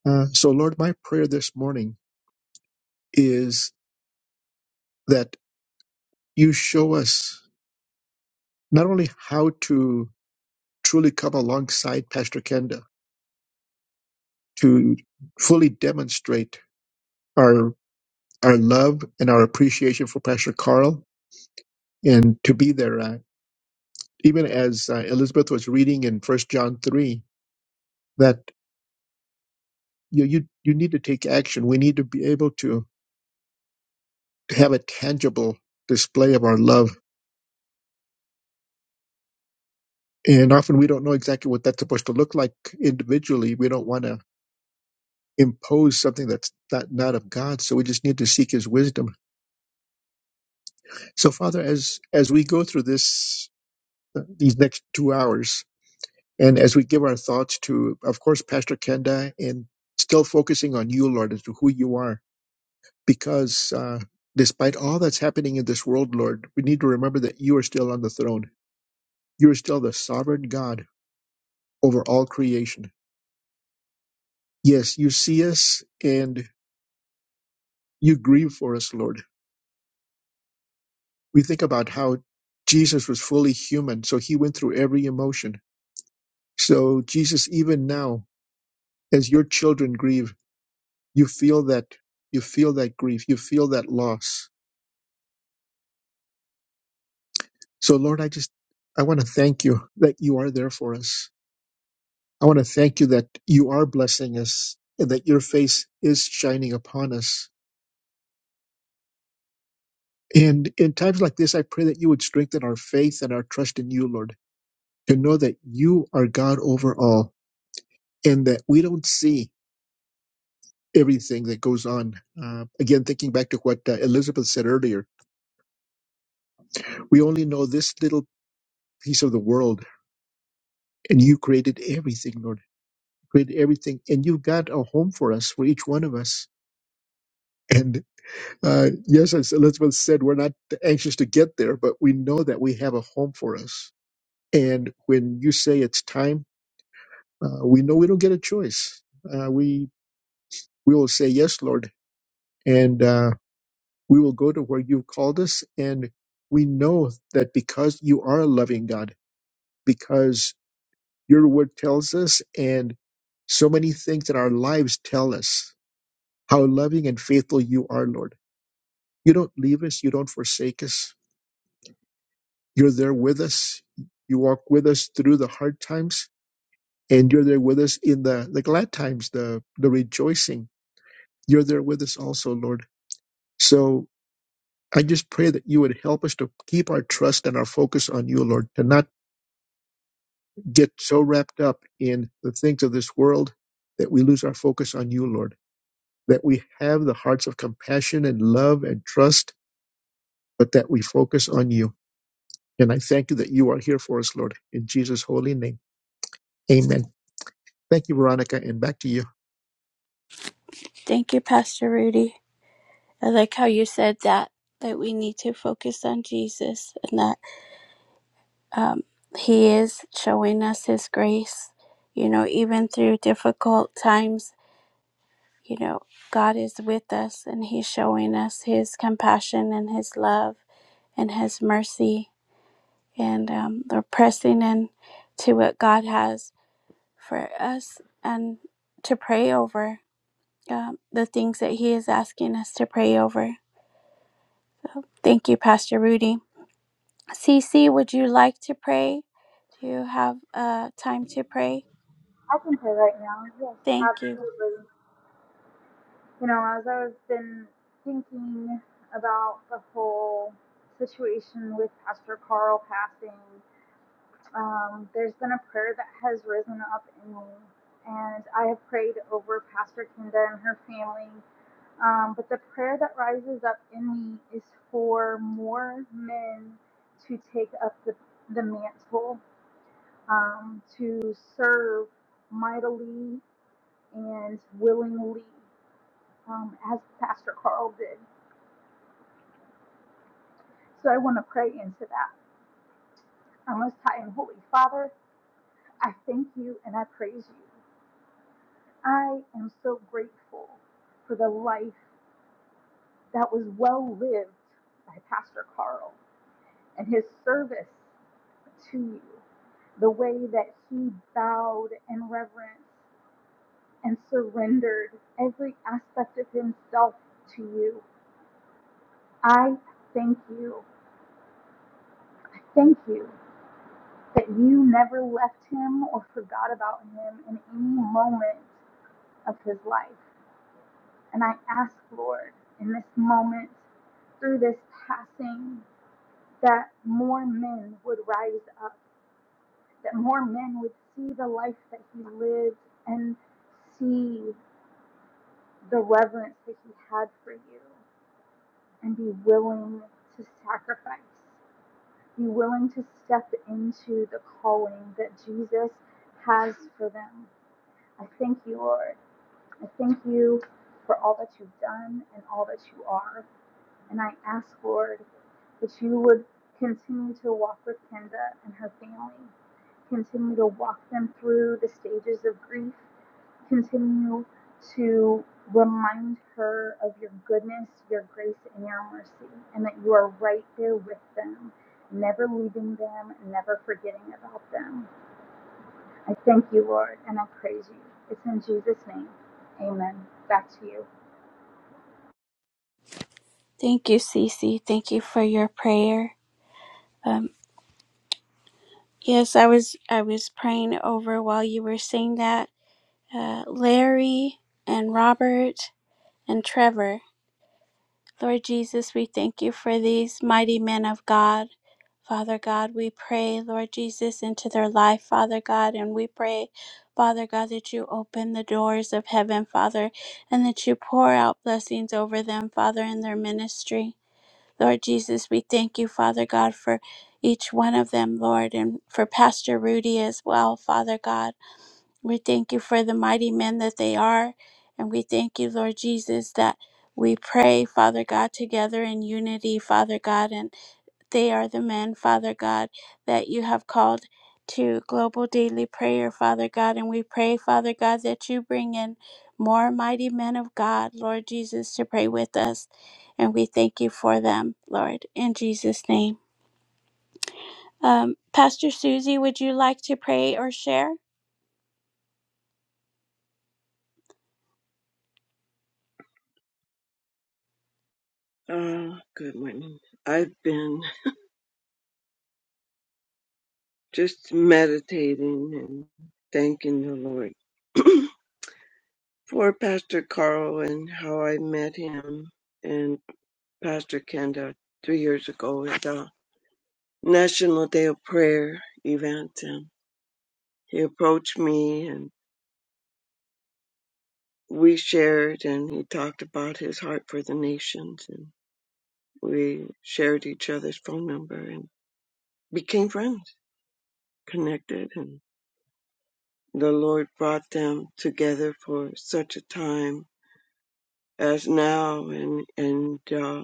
Uh, so, Lord, my prayer this morning is that you show us not only how to truly come alongside Pastor Kenda to fully demonstrate. our love and our appreciation for Pastor Carl and to be there. Uh, even as uh, Elizabeth was reading in First John three, that you, you you need to take action. We need to be able to have a tangible display of our love, and often we don't know exactly what that's supposed to look like individually. We don't want to impose something that's not not of God, so we just need to seek His wisdom. So, Father, as as we go through this uh, these next two hours, And as we give our thoughts to, of course, Pastor Kenda, and still focusing on you, Lord, as to who you are, because uh, despite all that's happening in this world, Lord, we need to remember that you are still on the throne. You are still the sovereign God over all creation. Yes, you see us and you grieve for us, Lord. We think about how Jesus was fully human, so he went through every emotion. So, Jesus, even now, as your children grieve, you feel that you feel that grief, you feel that loss So, Lord, I just I want to thank you that you are there for us. I want to thank you that you are blessing us and that your face is shining upon us. And in times like this, I pray that you would strengthen our faith and our trust in you, Lord, to know that you are God over all and that we don't see everything that goes on. Uh, again, thinking back to what uh, Elizabeth said earlier, we only know this little piece of the world, and you created everything, Lord. You Created everything, and you've got a home for us, for each one of us And uh, yes, as Elizabeth said, we're not anxious to get there, but we know that we have a home for us. And when you say it's time, uh, we know we don't get a choice. Uh, we we will say yes, Lord, and uh, we will go to where you've called us. And we know that because you are a loving God, because your word tells us, and so many things in our lives tell us how loving and faithful you are, Lord. You don't leave us. You don't forsake us You're there with us. You walk with us through the hard times, and you're there with us in the, the glad times, the, the rejoicing. You're there with us also, Lord. So I just pray that you would help us to keep our trust and our focus on you, Lord, to not get so wrapped up in the things of this world that we lose our focus on you, Lord, that we have the hearts of compassion and love and trust, but that we focus on you. And I thank you that you are here for us, Lord. In Jesus' holy name, amen. Thank you, Veronica, and back to you.
Thank you, Pastor Rudy. I like how you said that, that we need to focus on Jesus and that um, He is showing us His grace, you know, even through difficult times, you know, God is with us and He's showing us His compassion and His love. and His mercy and um, we're pressing in to what God has for us and to pray over um, the things that He is asking us to pray over. Thank you, Pastor Rudy. Cece, would you like to pray? Do you have uh, time to pray?
I can play right now. Yes,
Thank you.
absolutely. You know, as I was been thinking about the whole situation with Pastor Carl passing, um, there's been a prayer that has risen up in me, and I have prayed over Pastor Kinda and her family. Um, but the prayer that rises up in me is for more men to take up the, the mantle, um, to serve mightily and willingly um, as Pastor Carl did. So I want to pray into that. Our Most High and Holy Father, I thank you and I praise you. I am so grateful for the life that was well lived by Pastor Carl and his service to you, the way that he bowed in reverence and surrendered every aspect of himself to you. I thank you. I thank you that you never left him or forgot about him in any moment of his life. And I ask, Lord, in this moment, through this passing, that more men would rise up, that more men would see the life that he lived and see the reverence that he had for you and be willing to sacrifice, be willing to step into the calling that Jesus has for them I thank you, Lord. I thank you for all that you've done and all that you are. And I ask, Lord, that you would continue to walk with Kenda and her family, continue to walk them through the stages of grief, continue to remind her of your goodness, your grace, and your mercy, and that you are right there with them, never leaving them, never forgetting about them. I thank you, Lord, and I praise you. It's in Jesus' name. Amen. Back to you.
Thank you, Cece. Thank you for your prayer. Um, yes, I was I was praying over while you were saying that. Uh, Larry and Robert and Trevor. Lord Jesus, we thank you for these mighty men of God. Father God, we pray, Lord Jesus, into their life, Father God, and we pray, Father God, that you open the doors of heaven, Father, and that you pour out blessings over them, Father, in their ministry. Lord Jesus, we thank you, Father God, for each one of them, Lord, and for Pastor Rudy as well, Father God. We thank you for the mighty men that they are. And we thank you, Lord Jesus, that we pray, Father God, together in unity, Father God. And they are the men, Father God, that you have called to global daily prayer, Father God. And we pray, Father God, that you bring in more mighty men of God, Lord Jesus, to pray with us. And we thank you for them, Lord, in Jesus' name. Um, Pastor Susie, would you like to pray or share?
Uh, good morning. I've been just meditating and thanking the Lord for Pastor Carl and how I met him and Pastor Kenda three years ago at the National Day of Prayer event. And he approached me and we shared and he talked about his heart for the nations and we shared each other's phone number and became friends, connected. the Lord brought them together for such a time as now, and and uh,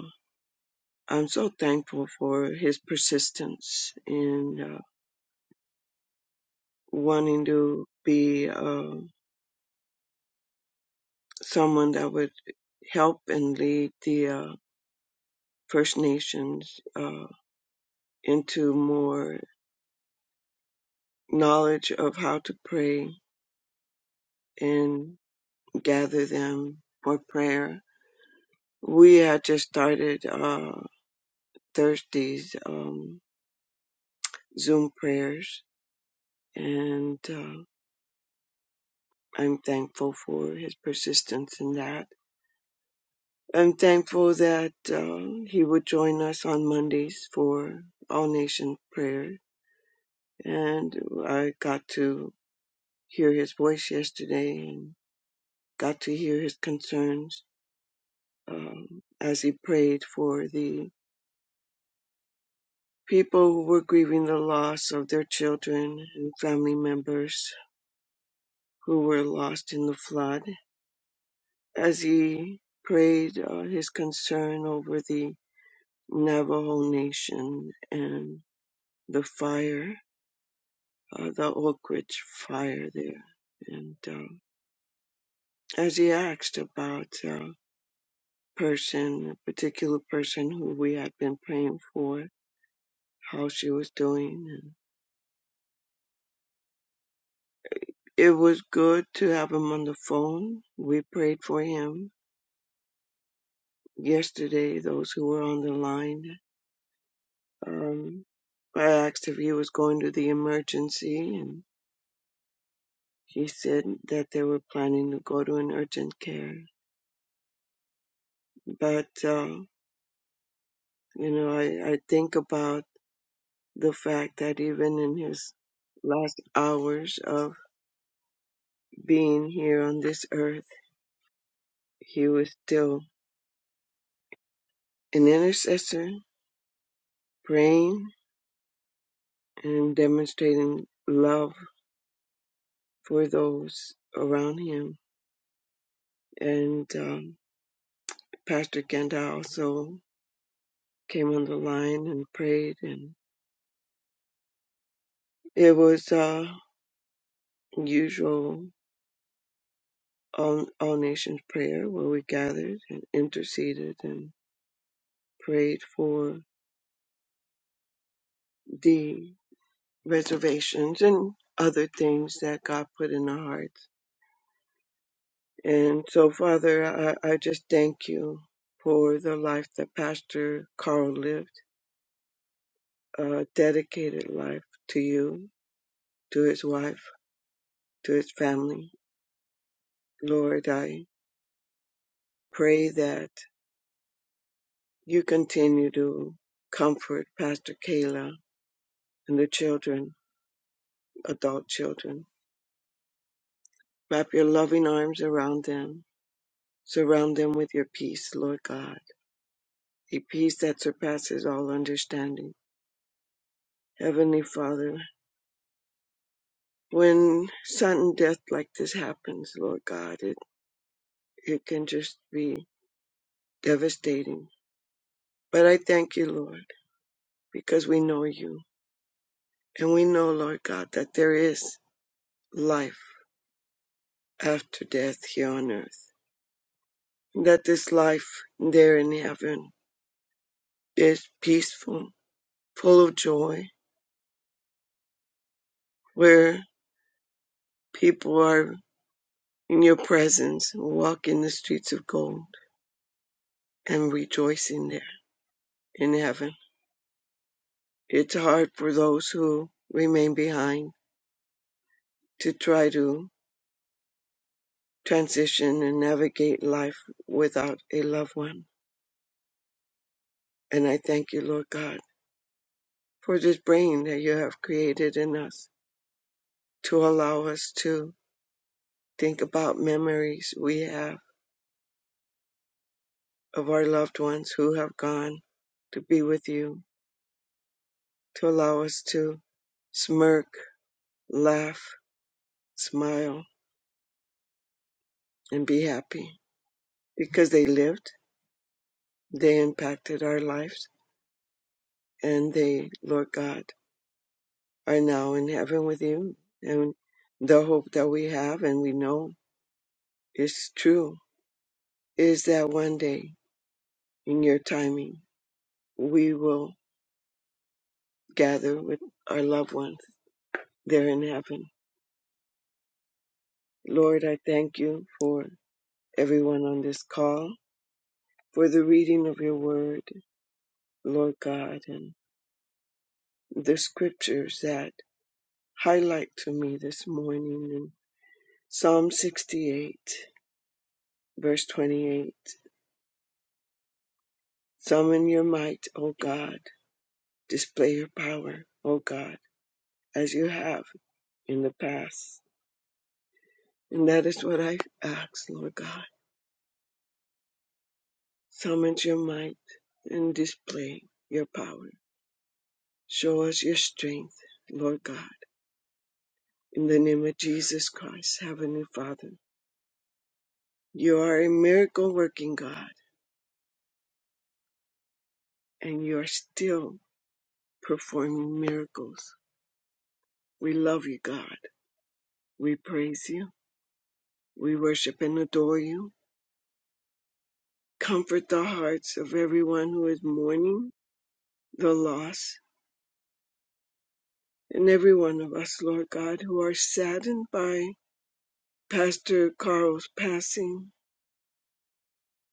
I'm so thankful for His persistence in uh, wanting to be uh, someone that would help and lead the uh, First Nations uh, into more knowledge of how to pray and gather them for prayer. We had just started uh, Thursdays um, Zoom prayers and uh, I'm thankful for his persistence in that. I'm thankful that uh, he would join us on Mondays for All Nation Prayer, and I got to hear his voice yesterday and got to hear his concerns um, as he prayed for the people who were grieving the loss of their children and family members who were lost in the flood. As he prayed uh, his concern over the Navajo Nation and the fire, uh, the Oak Ridge fire there. And um, as he asked about a person, a particular person who we had been praying for, how she was doing, and it was good to have him on the phone. We prayed for him yesterday. Those who were on the line, um, I asked if he was going to the emergency, and he said that they were planning to go to an urgent care But, uh, you know, I, I think about the fact that even in his last hours of being here on this earth, he was still an intercessor, praying and demonstrating love for those around him. And um, Pastor Kenda also came on the line and prayed, and it was uh, usual all, all nations prayer where we gathered and interceded, and. prayed for the reservations and other things that God put in our hearts. And so, Father, I, I just thank you for the life that Pastor Carl lived, a dedicated life to you, to his wife, to his family. Lord, I pray that you continue to comfort Pastor Kayla and the children, adult children. Wrap your loving arms around them. Surround them with your peace, Lord God a peace that surpasses all understanding. Heavenly Father, when sudden death like this happens, Lord God, it, it can just be devastating. But I thank you, Lord, because we know you. And we know, Lord God, that there is life after death here on earth. That this life there in heaven is peaceful, full of joy, where people are in your presence, walking the streets of gold and rejoicing there in heaven. It's hard for those who remain behind to try to transition and navigate life without a loved one. And I thank you, Lord God, for this brain that you have created in us to allow us to think about memories we have of our loved ones who have gone to be with you, to allow us to smirk, laugh, smile, and be happy because they lived, they impacted our lives and they, Lord God, are now in heaven with you. And the hope that we have and we know is true is that one day in your timing, we will gather with our loved ones there in heaven. Lord, I thank you for everyone on this call, for the reading of your word, Lord God, and the scriptures that highlight to me this morning in Psalm 68, verse 28. Summon your might, O God. Display your power, O God, as you have in the past. And that is what I ask, Lord God. Summon your might and display your power. Show us your strength, Lord God. In the name of Jesus Christ, Heavenly Father, you are a miracle working God, and you are still performing miracles. We love you, God. We praise you. We worship and adore you. Comfort the hearts of everyone who is mourning the loss, and every one of us, Lord God, who are saddened by Pastor Carl's passing,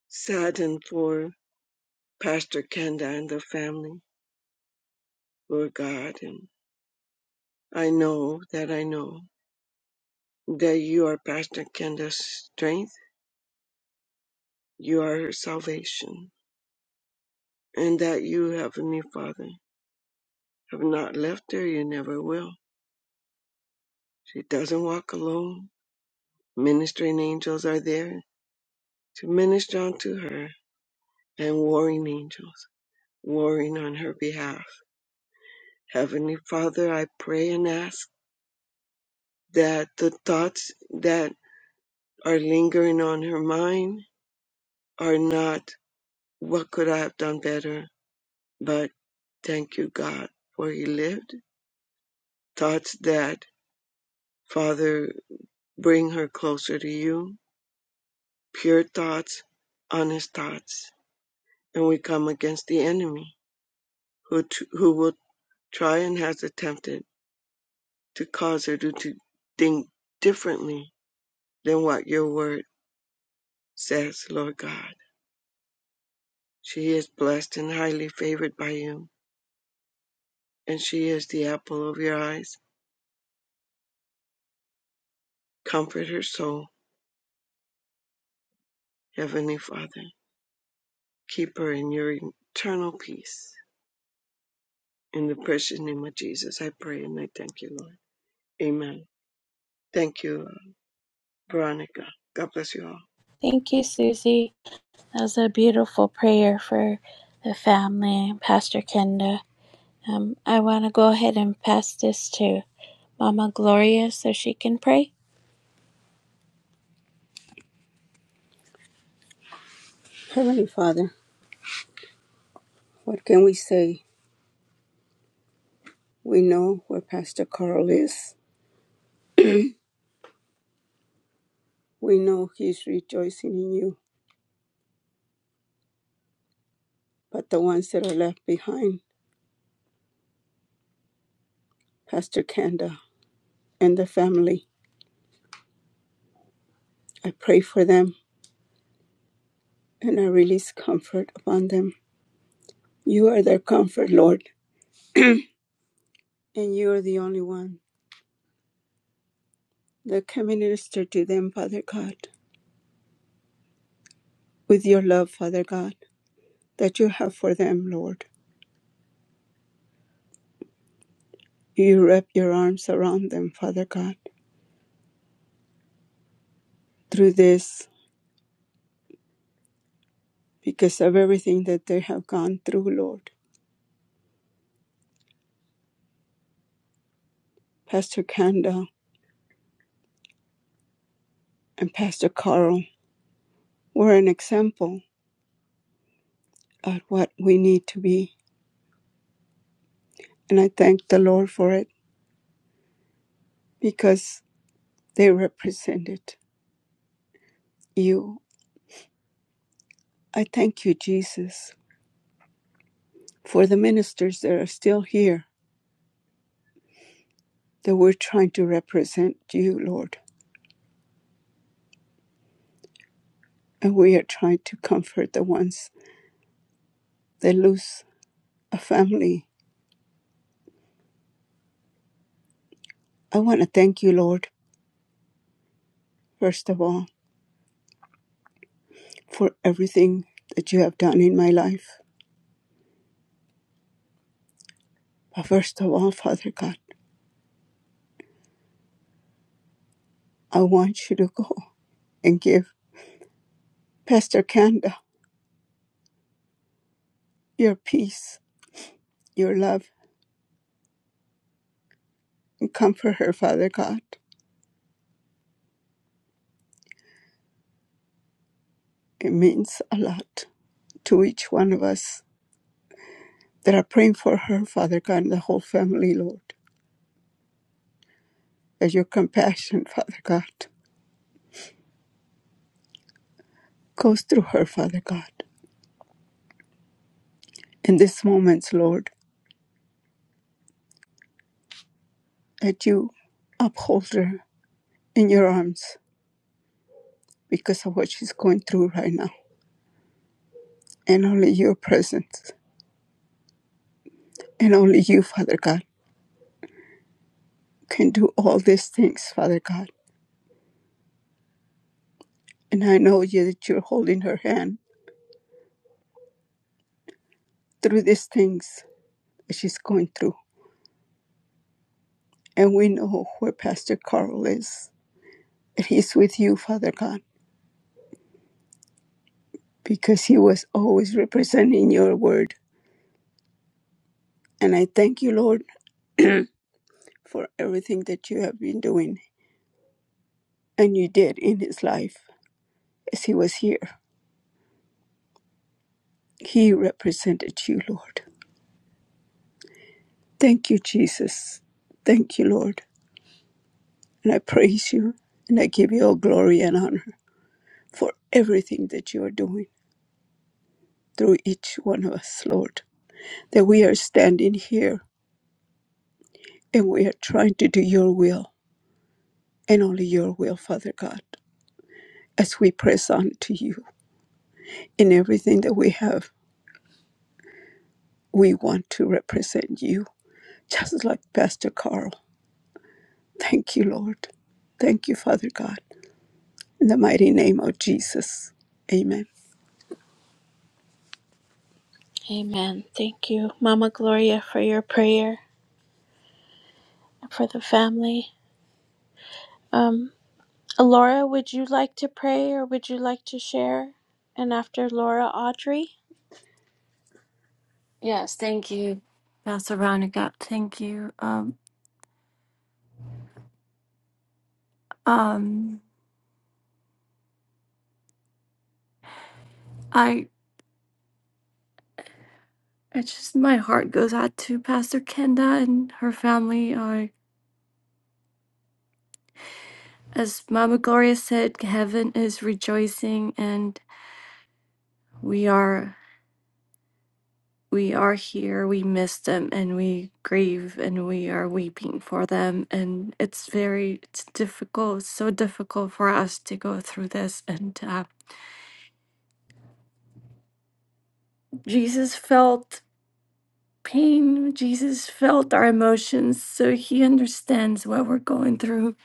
saddened for Pastor Kenda and the family, Lord God. And I know that I know that you are Pastor Kenda's strength, you are her salvation, and that you, Heavenly Father, have not left her, you never will. She doesn't walk alone. Ministering angels are there to minister unto her and warring angels, warring on her behalf. Heavenly Father, I pray and ask that the thoughts that are lingering on her mind are not what could I have done better, but thank you, God, for He lived. Thoughts that, Father, bring her closer to you, pure thoughts, honest thoughts, and we come against the enemy who, t- who will try and has attempted to cause her to, to think differently than what your word says, Lord God. She is blessed and highly favored by you, and she is the apple of your eyes. Comfort her soul, Heavenly Father. Keep her in your eternal peace. In the precious name of Jesus, I pray and I thank you, Lord. Amen. Thank you, uh, Veronica. God bless you all.
Thank you, Susie. That was a beautiful prayer for the family, Pastor Kenda. Um, I want to go ahead and pass this to Mama Gloria so she can pray. Heavenly Father, what can we say? We know where Pastor Carl is. We know he's rejoicing in you. But the ones that are left behind, Pastor Kanda and the family, I pray for them and I release comfort upon them. You are their comfort, Lord, and you are the only one that can minister to them, Father God. with your love, Father God, that you have for them, Lord. You wrap your arms around them, Father God, through this because of everything that they have gone through, Lord. Pastor Kanda and Pastor Carl were an example of what we need to be. And I thank the Lord for it because they represented you. I thank you, Jesus, for the ministers that are still here, that we're trying to represent you, Lord. And we are trying to comfort the ones they lose a family. I want to thank you, Lord, first of all, for everything that you have done in my life. But first of all, Father God, I want you to go and give Pastor Kanda your peace, your love, and comfort her, Father God. It means a lot to each one of us that are praying for her, Father God, and the whole family, Lord. That your compassion, Father God, goes through her, Father God. In these moments, Lord, that you uphold her in your arms because of what she's going through right now. And only your presence and only you, Father God, can do all these things, Father God. And I know you that you're holding her hand through these things that she's going through. And we know where Pastor Carl is. That he's with you, Father God, because he was always representing your word. And I thank you, Lord, for everything that you have been doing and you did in his life as he was here. He represented you, Lord. Thank you, Jesus. Thank you, Lord. And I praise you and I give you all glory and honor for everything that you are doing through each one of us, Lord. That we are standing here and we are trying to do your will and only your will, Father God. As we press on to you in everything that we have, we want to represent you, just like Pastor Carl. Thank you, Lord. Thank you, Father God. In the mighty name of Jesus. Amen. Amen. Thank you, Mama Gloria, for your prayer and for the family. Um, Laura, would you like to pray or would you like to share? And after Laura, Audrey.
Yes, thank you, Pastor Veronica. Thank you. Um, um, I, I just my heart goes out to Pastor Kenda and her family. Are as Mama Gloria said, heaven is rejoicing, and we are we are here. We miss them, and we grieve, and we are weeping for them. And it's very it's difficult, so difficult for us to go through this. And uh, Jesus felt. pain. Jesus felt our emotions, so he understands what we're going through.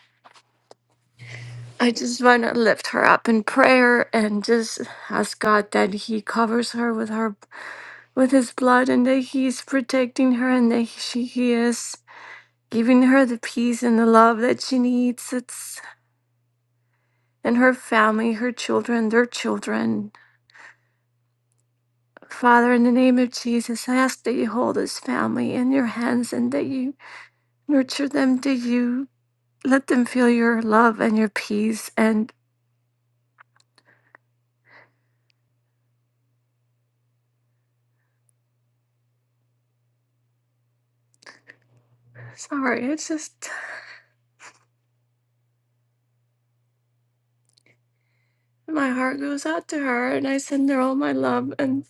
I just want to lift her up in prayer and just ask God that he covers her with her with his blood and that he's protecting her and that she he is giving her the peace and the love that she needs. It's and her family, her children, their children. Father, in the name of Jesus, I ask that you hold this family in your hands and that you nurture them, that you Let them feel your love and your peace. And sorry, it's just my heart goes out to her and I send her all my love. And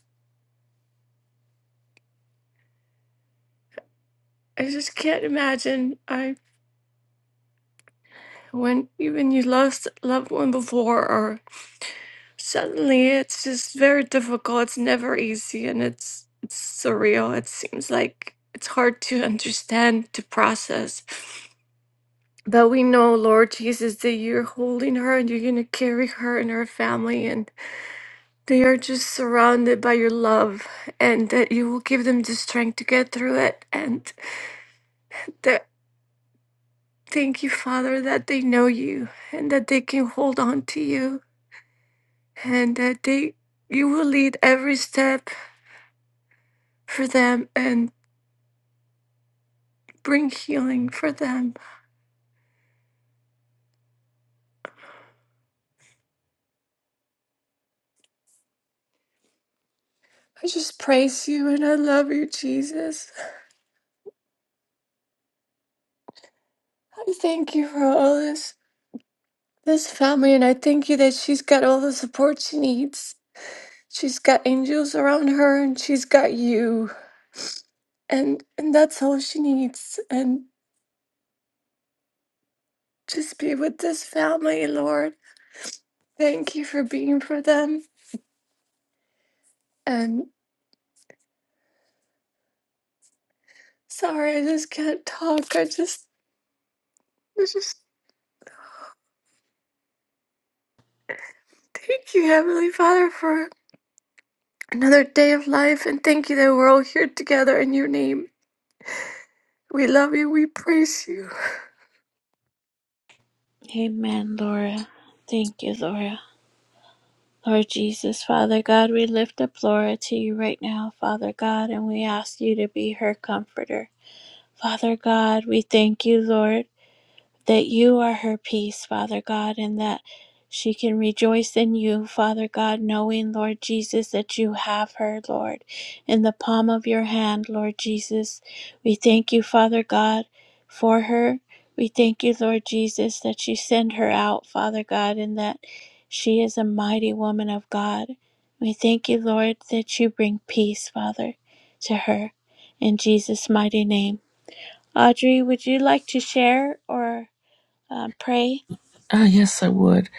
I just can't imagine I when even you lost a loved one before or suddenly it's just very difficult. It's never easy and it's it's surreal. It seems like it's hard to understand, to process. But we know, Lord Jesus, that you're holding her and you're going to carry her and her family. and. They are just surrounded by your love and that you will give them the strength to get through it. And that, thank you, Father, that they know you and that they can hold on to you and that they, you will lead every step for them and bring healing for them. I just praise you and I love you, Jesus. I thank you for all this, this family, and I thank you that she's got all the support she needs. She's got angels around her and she's got you. and and that's all she needs and just be with this family lord thank you for being for them and sorry i just can't talk i just I just thank you heavenly father for another day of life and thank you that we're all here together in your name we love you we praise you
Amen, Laura. Thank you, Laura. Lord Jesus, Father God, we lift up Laura to you right now, Father God, and we ask you to be her comforter. Father God, we thank you, Lord. that you are her peace, Father God, and that she can rejoice in you, Father God, knowing, Lord Jesus, that you have her, Lord, in the palm of your hand, Lord Jesus. We thank you, Father God, for her. We thank you, Lord Jesus, that you send her out, Father God, and that she is a mighty woman of God. We thank you, Lord, that you bring peace, Father, to her. In Jesus' mighty name. Audrey, would you like to share or? uh, pray.
Ah, yes, I would.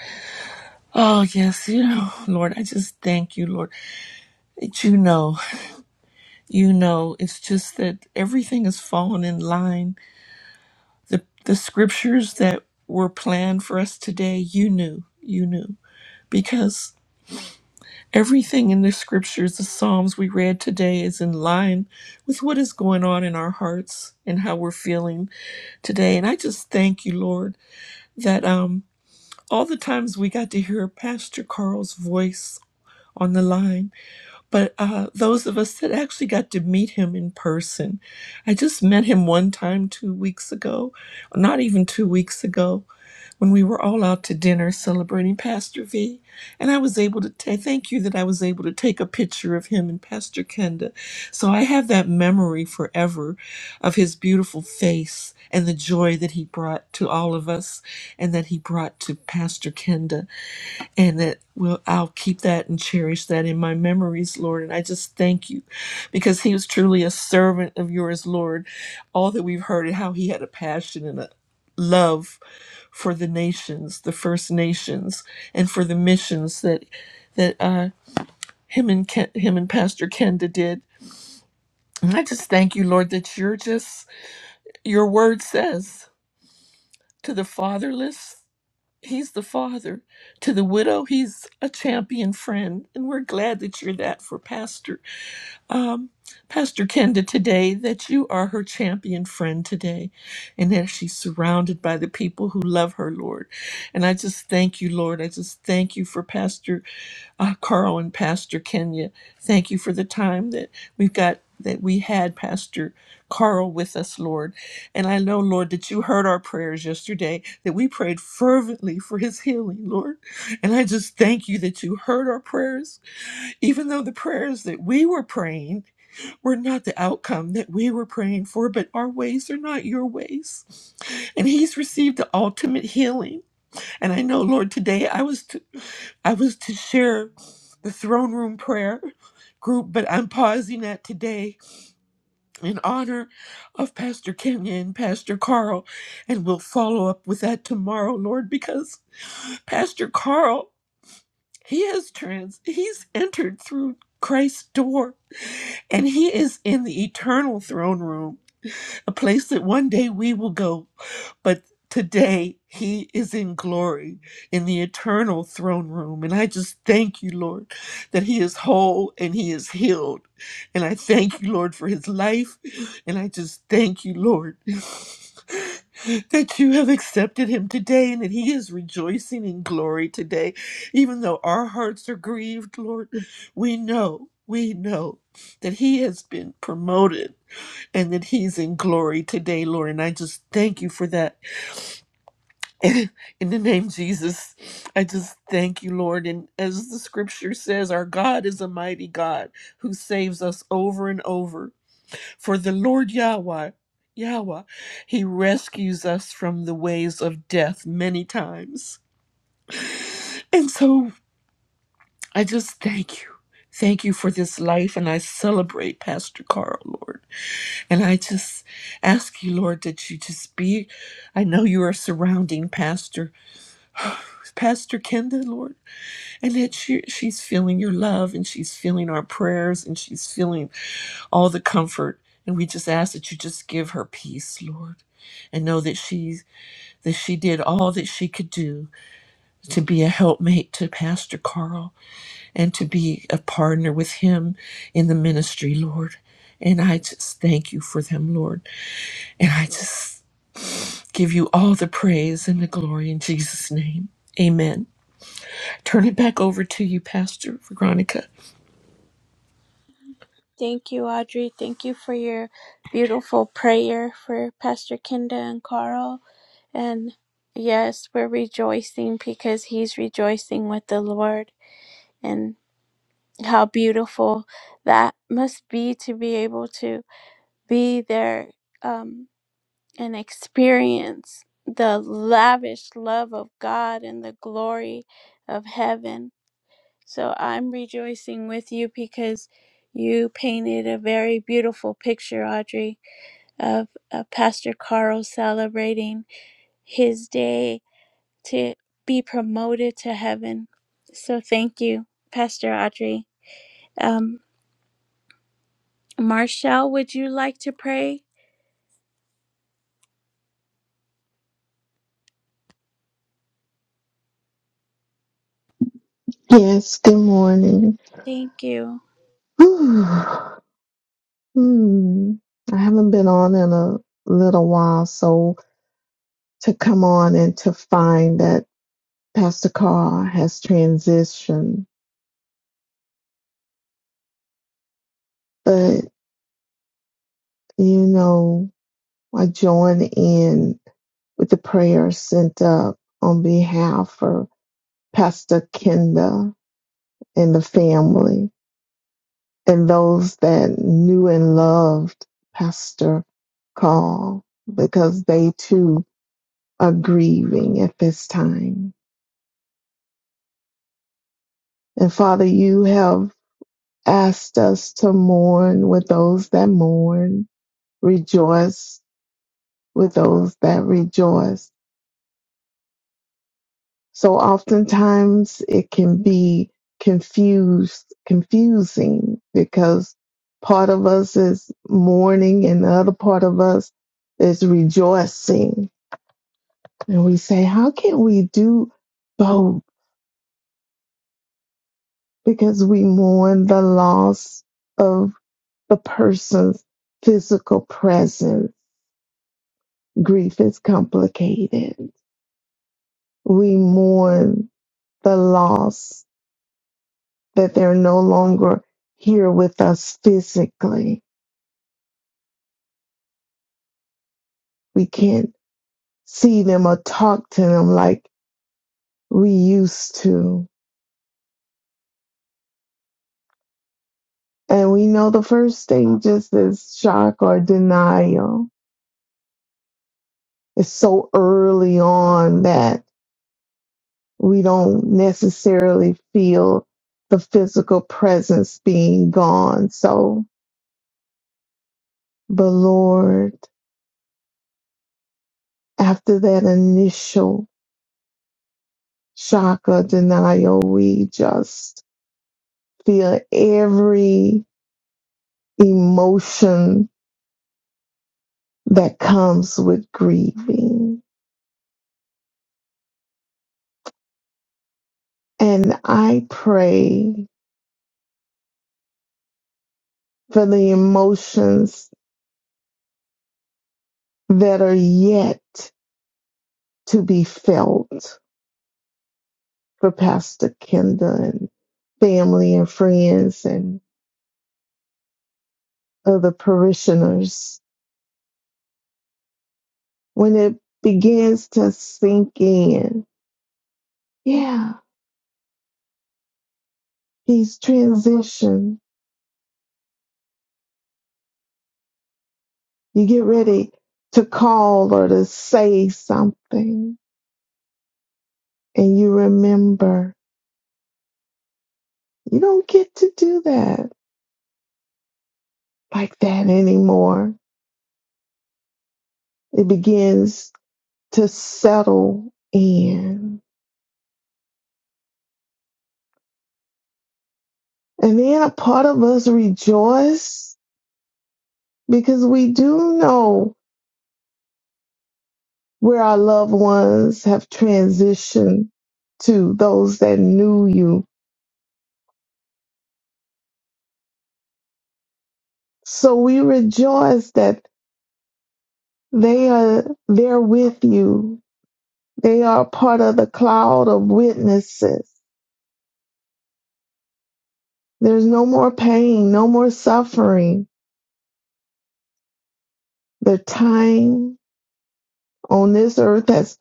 Oh, yes, you know, Lord, I just thank you, Lord, that you know, you know, it's just that everything has fallen in line. The the scriptures that were planned for us today, you knew, you knew, because everything in the scriptures, the Psalms we read today, is in line with what is going on in our hearts and how we're feeling today. And I just thank you, Lord, that um all the times we got to hear Pastor Carl's voice on the line but uh, those of us that actually got to meet him in person, I just met him one time two weeks ago, not even two weeks ago, when we were all out to dinner celebrating Pastor V. And I was able to ta- thank you that I was able to take a picture of him and Pastor Kenda. So I have that memory forever of his beautiful face and the joy that he brought to all of us and that he brought to Pastor Kenda and that will I'll keep that and cherish that in my memories, Lord. And I just thank you because he was truly a servant of yours, Lord. All that we've heard and how he had a passion and a love for the nations, the First Nations, and for the missions that that uh, him and Ken, him and Pastor Kenda did. And I just thank you, Lord, that you're just your word says to the fatherless. He's the father. To the widow, he's a champion friend. And we're glad that you're that for Pastor um, Pastor Kenda today that you are her champion friend today and that she's surrounded by the people who love her, Lord. And I just thank you, Lord. I just thank you for Pastor uh, Carl and Pastor Kenya. Thank you for the time that we've got. That we had Pastor Carl with us, Lord. And I know, Lord, that you heard our prayers yesterday, that we prayed fervently for his healing, Lord. And I just thank you that you heard our prayers, even though the prayers that we were praying we're not the outcome that we were praying for, but our ways are not your ways. And he's received the ultimate healing. And I know, Lord, today I was to, I was to share the throne room prayer group, but I'm pausing that today in honor of Pastor Kenya and Pastor Carl. And we'll follow up with that tomorrow, Lord, because Pastor Carl, he has trans, he's entered through Christ's door and he is in the eternal throne room a place that one day we will go. But today he is in glory in the eternal throne room. And I just thank you, Lord, that he is whole and he is healed. And I thank you, Lord, for his life. And I just thank you, Lord. That you have accepted him today and that he is rejoicing in glory today. Even though our hearts are grieved, Lord, we know, we know that he has been promoted and that he's in glory today, Lord. And I just thank you for that. in the name of Jesus, I just thank you, Lord. And as the scripture says, our God is a mighty God who saves us over and over. For the Lord Yahweh, Yahweh, he rescues us from the ways of death many times. And so I just thank you. Thank you for this life, and I celebrate Pastor Carl, Lord. And I just ask you, Lord, that you just be, I know you are surrounding Pastor, Pastor Kenda, Lord, and that she, she's feeling your love and she's feeling our prayers and she's feeling all the comfort. And we just ask that you just give her peace, Lord, and know that she, that she did all that she could do to be a helpmate to Pastor Carl and to be a partner with him in the ministry, Lord. And I just thank you for them, Lord. And I just Give you all the praise and the glory in Jesus' name. Amen. Turn it back over to you, Pastor Veronica.
Thank you, Audrey. Thank you for your beautiful prayer for Pastor Kinda and Carl. And yes, we're rejoicing because he's rejoicing with the Lord. And how beautiful that must be to be able to be there um, and experience the lavish love of God and the glory of heaven So I'm rejoicing with you because you painted a very beautiful picture, Audrey, of uh, Pastor Carl celebrating his day to be promoted to heaven. So thank you, Pastor Audrey. Um, Marshall, would you like to pray?
Yes, good morning.
Thank you.
Whew. hmm. I haven't been on in a little while, so to come on and to find that Pastor Carr has transitioned. But, you know, I join in with the prayer sent up on behalf of Pastor Kenda and the family and those that knew and loved Pastor Carr because they too are grieving at this time. And Father, you have asked us to mourn with those that mourn, rejoice with those that rejoice. So oftentimes it can be confused, confusing because part of us is mourning and the other part of us is rejoicing. And we say, how can we do both? Because we mourn the loss of. the person's physical presence. Grief is complicated. We mourn the loss that they're no longer here with us physically. We can't see them or talk to them like we used to. And we know the first thing just is shock or denial. It's so early on that we don't necessarily feel the physical presence being gone. So But Lord, after that initial shock of denial, we just feel every emotion that comes with grieving. And I pray for the emotions that are yet to be felt for Pastor Kenda and family and friends and other parishioners when it begins to sink in. Yeah He's transitioned. You get ready to call or to say something and you remember. You don't get to do that like that anymore. It begins to settle in. And then a part of us rejoice because we do know where our loved ones have transitioned to those that knew you. So we rejoice that They are there with you. They are part of the cloud of witnesses. There's no more pain, no more suffering. The time on this earth has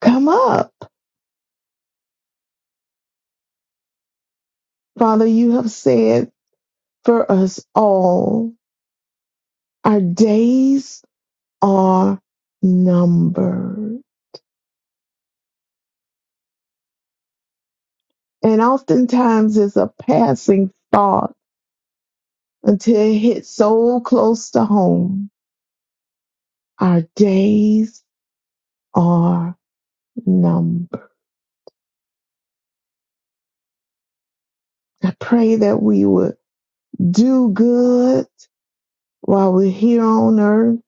come up. Father, you have said for us all, our days are numbered. And oftentimes it's a passing thought until it hits so close to home. Our days are numbered. I pray that we would do good while we're here on earth,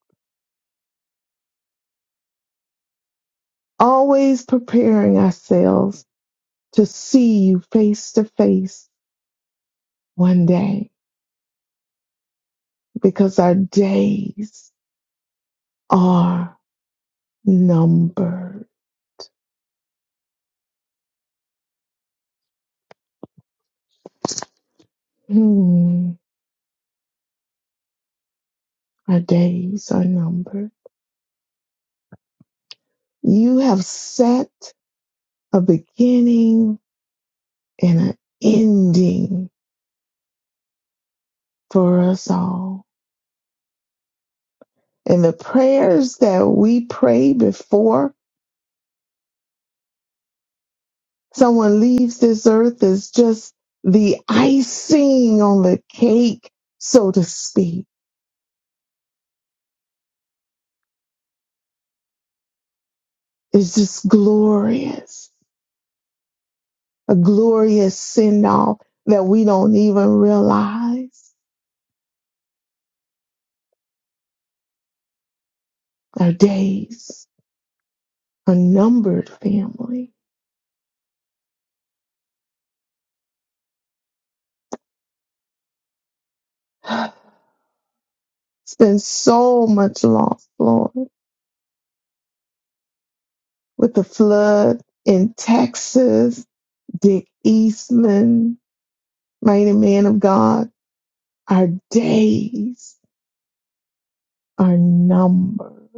always preparing ourselves to see you face to face one day because our days are numbered. Hmm, our days are numbered. You have set a beginning and an ending for us all. And the prayers that we pray before someone leaves this earth is just the icing on the cake, so to speak. It's just glorious, a glorious send off that we don't even realize. Our days are numbered, family. It's been so much loss, Lord, with the flood in Texas, Dick Eastman, mighty man of God. Our days are numbered.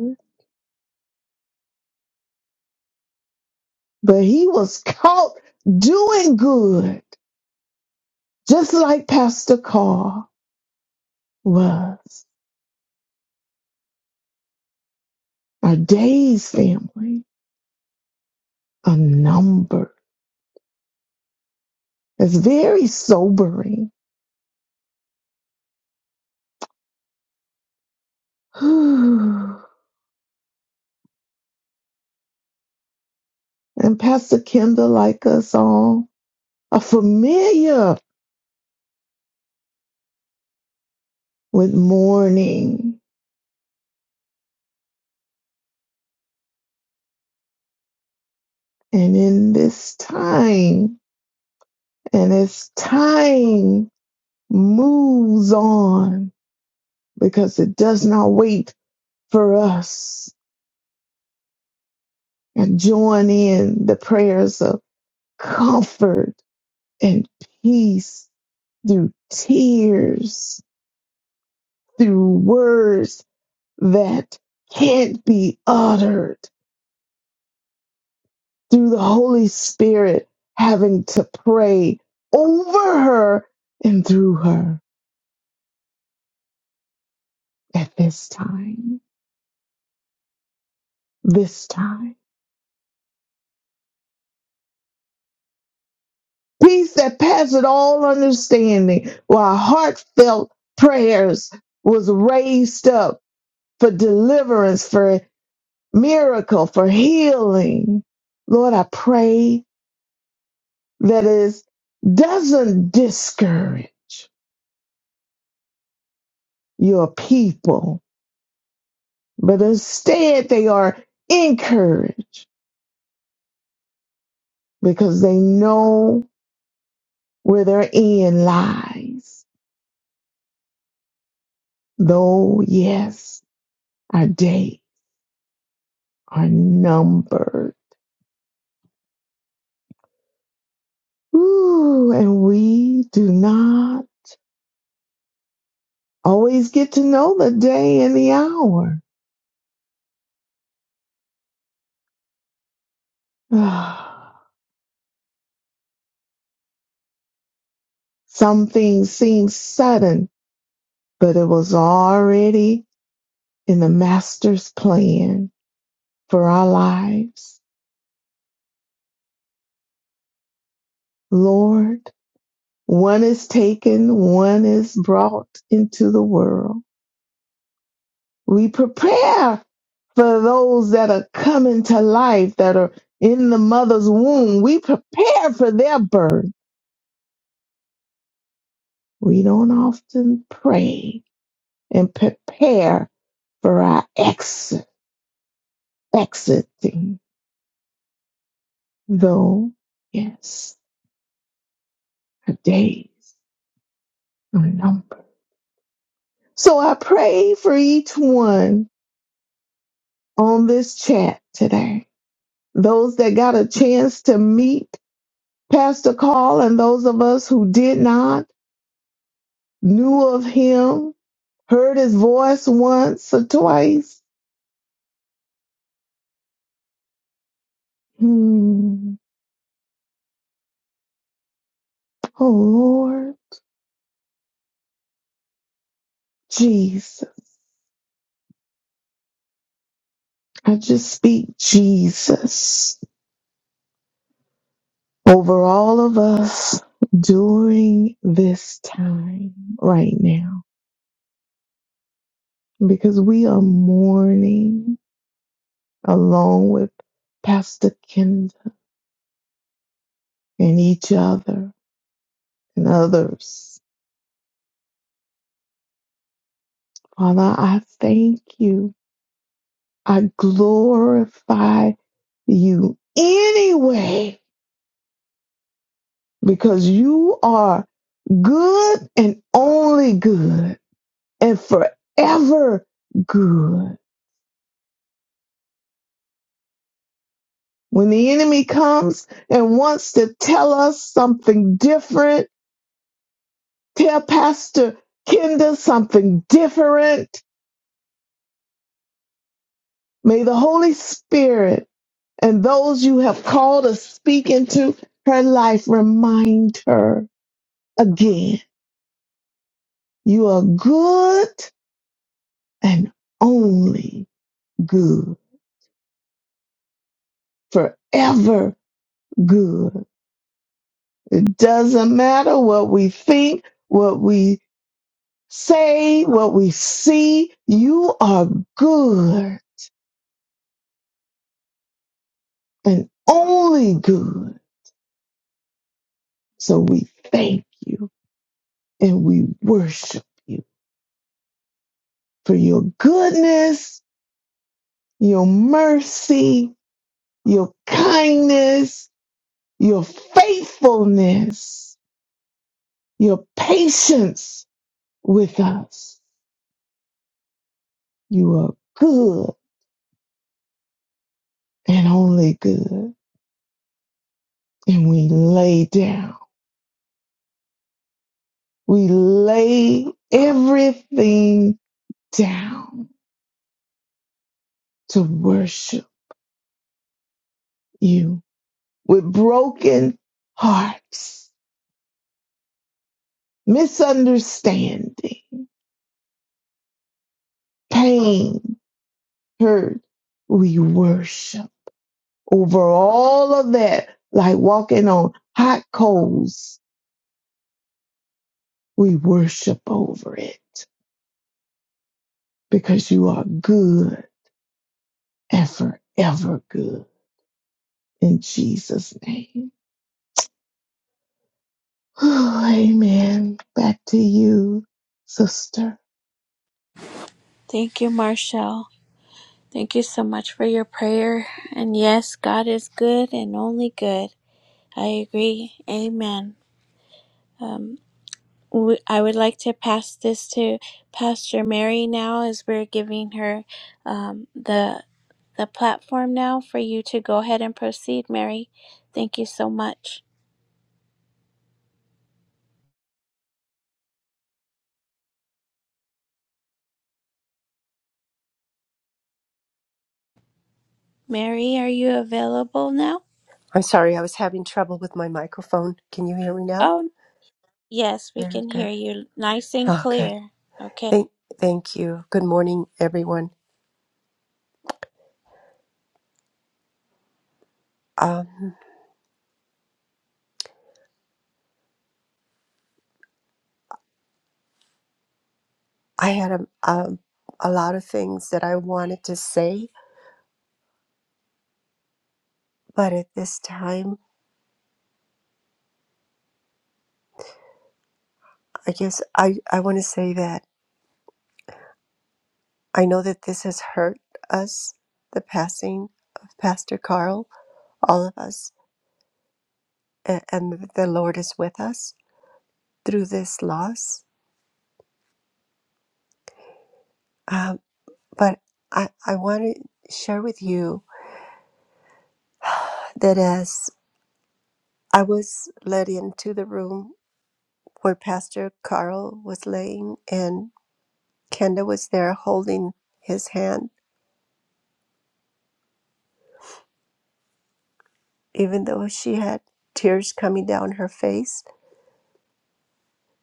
but he was caught doing good, just like Pastor Carr was. Our days, family, a number. It's very sobering. and Pastor Kendall, like us all, are familiar with mourning. And in this time, and as time moves on, because it does not wait for us and join in the prayers of comfort and peace through tears, through words that can't be uttered, through the Holy Spirit having to pray over her and through her at this time. This time. Peace that passeth all understanding, while heartfelt prayers was raised up for deliverance, for miracle, for healing. Lord, I pray that it doesn't discourage your people, but instead they are encouraged because they know where their end lies. Though, yes, our days are numbered. Ooh, and we do not always get to know the day and the hour. Some things seem sudden but it was already in the master's plan for our lives. Lord, one is taken, one is brought into the world. We prepare for those that are coming to life, that are in the mother's womb. We prepare for their birth. We don't often pray and prepare for our exit, exiting, though, yes, our days are numbered. So I pray for each one on this chat today. Those that got a chance to meet Pastor Carl and those of us who did not, knew of him, heard his voice once or twice. Hmm. Oh Lord Jesus. I just speak Jesus over all of us during this time right now because we are mourning. along with Pastor Kenda and each other and others. Father, I thank you. I glorify you anyway because you are good and only good and forever good. When the enemy comes and wants to tell us something different, tell Pastor Kenda something different. May the Holy Spirit and those you have called to speak into her life, remind her again, you are good and only good, forever good. It doesn't matter what we think, what we say, what we see, you are good and only good. So we thank you and we worship you for your goodness, your mercy, your kindness, your faithfulness, your patience with us. You are good and only good. And we lay down, we lay everything down to worship you with broken hearts, misunderstanding, pain, hurt. We worship. over all of that, like walking on hot coals. We worship over it because you are good and forever good in Jesus' name. Oh, amen. Back to you, sister.
Thank you, Marshall. Thank you so much for your prayer. And yes, God is good and only good. I agree. Amen. Um. we, I would like to pass this to Pastor Mary now as we're giving her um, the the platform now for you to go ahead and proceed, Mary. Thank you so much. Mary, are you available now?
I'm sorry, I was having trouble with my microphone. Can you hear me now?
Oh, yes, we
Very
can
good.
hear you nice and Mhm.
Oh, good.
clear. Okay.
Thank, thank you. Good morning, everyone. Um, I had a, a, a lot of things that I wanted to say, but at this time, I guess I, I want to say that I know that this has hurt us, the passing of Pastor Carl, all of us, a- and the Lord is with us through this loss. Um, but I, I want to share with you that as I was led into the room where Pastor Carl was laying, and Kenda was there holding his hand. Even though she had tears coming down her face,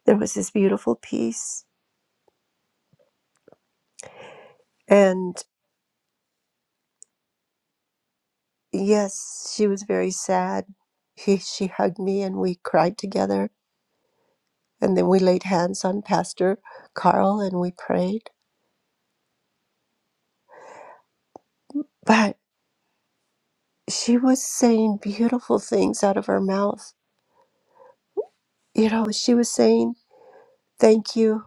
there was this beautiful peace. And yes, she was very sad. He, she hugged me, and we cried together. And then we laid hands on Pastor Carl and we prayed. But she was saying beautiful things out of her mouth. You know, she was saying, Thank you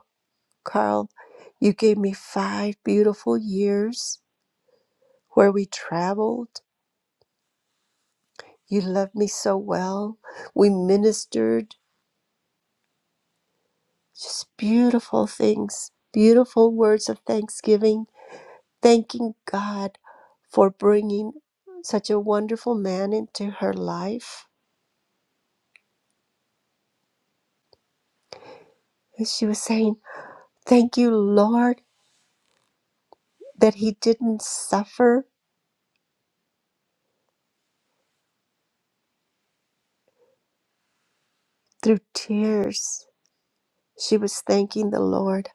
Carl, you gave me five beautiful years where we traveled. You loved me so well. We ministered just beautiful things, beautiful words of thanksgiving, thanking God for bringing such a wonderful man into her life. And she was saying, Thank you, Lord, that he didn't suffer through tears. She was thanking the Lord.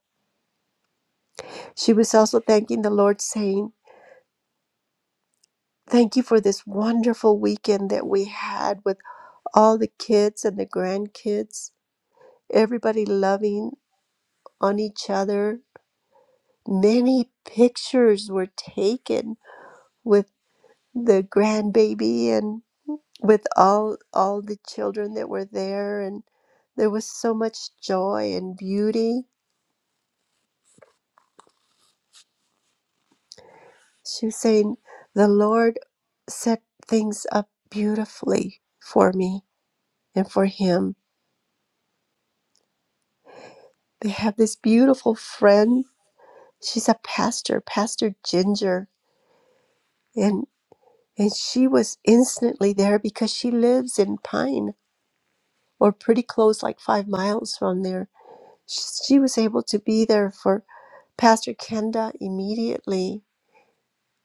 She was also thanking the Lord, saying, Thank you for this wonderful weekend that we had with all the kids and the grandkids, everybody loving on each other. Many pictures were taken with the grandbaby and with all all the children that were there and there was so much joy and beauty. She was saying, "The Lord set things up beautifully for me and for him. They have this beautiful friend she's a pastor, Pastor Ginger, and and she was instantly there because she lives in Pine or pretty close, like five miles from there. She was able to be there for Pastor Kenda immediately.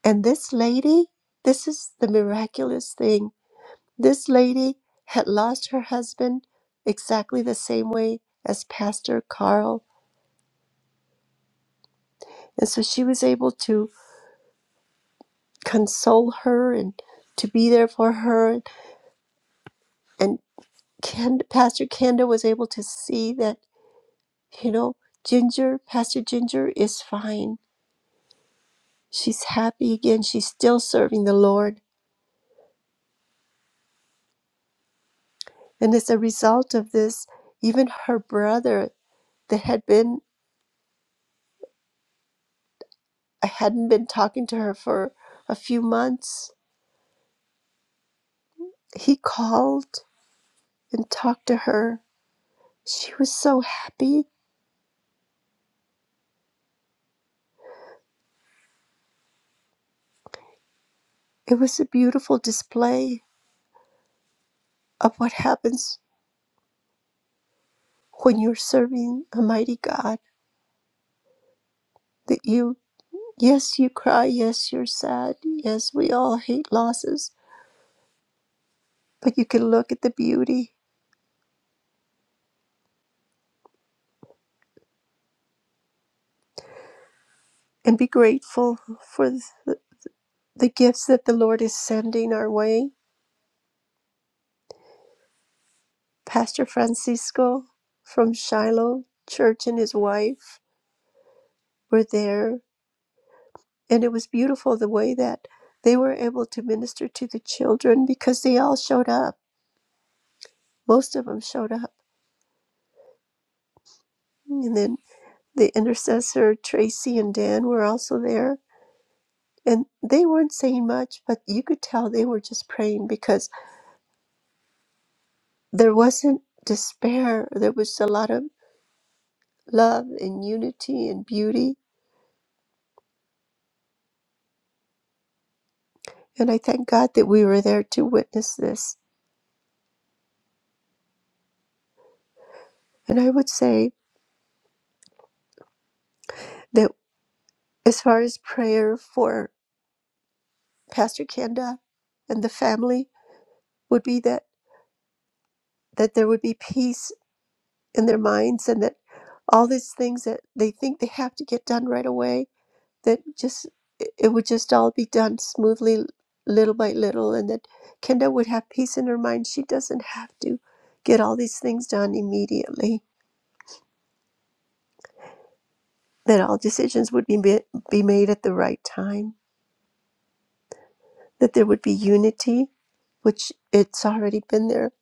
And this lady, this is the miraculous thing. This lady had lost her husband exactly the same way as Pastor Carl. And so she was able to console her and to be there for her and. Ken, Pastor Kenda was able to see that, you know, Ginger, Pastor Ginger is fine. She's happy again. She's still serving the Lord. And as a result of this, even her brother that had been, hadn't been talking to her for a few months, he called and talked to her. She was so happy. It was a beautiful display of what happens when you're serving a mighty God. that you. Yes, you cry. Yes, you're sad. Yes, we all hate losses. But you can look at the beauty and be grateful for th- the gifts that the Lord is sending our way. Pastor Francisco from Shiloh Church and his wife were there, and it was beautiful the way that they were able to minister to the children because they all showed up. Most of them showed up. And then the intercessor, Tracy and Dan, were also there And they weren't saying much, but you could tell they were just praying because there wasn't despair. There was a lot of love and unity and beauty. And I thank God that we were there to witness this. And I would say that as far as prayer for Pastor Kenda and the family would be that, that there would be peace in their minds and that all these things that they think they have to get done right away that just it it would just all be done smoothly little by little and that Kenda would have peace in her mind she doesn't have to get all these things done immediately that all decisions would be ma- be made at the right time that there would be unity which it's already been there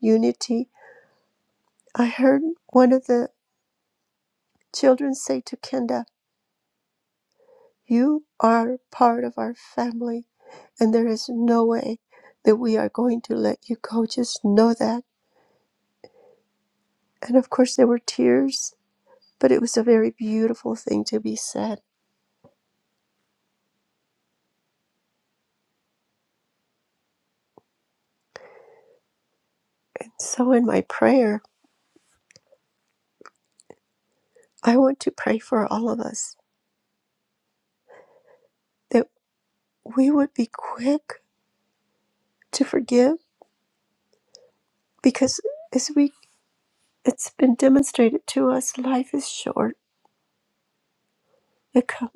unity i heard one of the children say to Kenda you are part of our family and there is no way that we are going to let you go just know that And of course, there were tears, but it was a very beautiful thing to be said. And So, in my prayer, I want to pray for all of us that we would be quick to forgive because as we it's been demonstrated to us life is short the, co-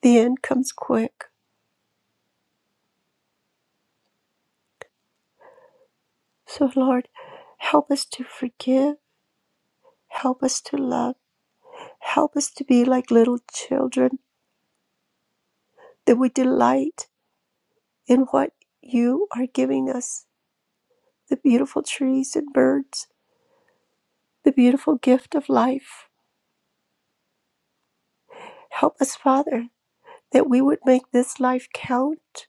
the end comes quick so lord help us to forgive help us to love help us to be like little children that we delight in what you are giving us the beautiful trees and birds the beautiful gift of life. Help us, Father, that we would make this life count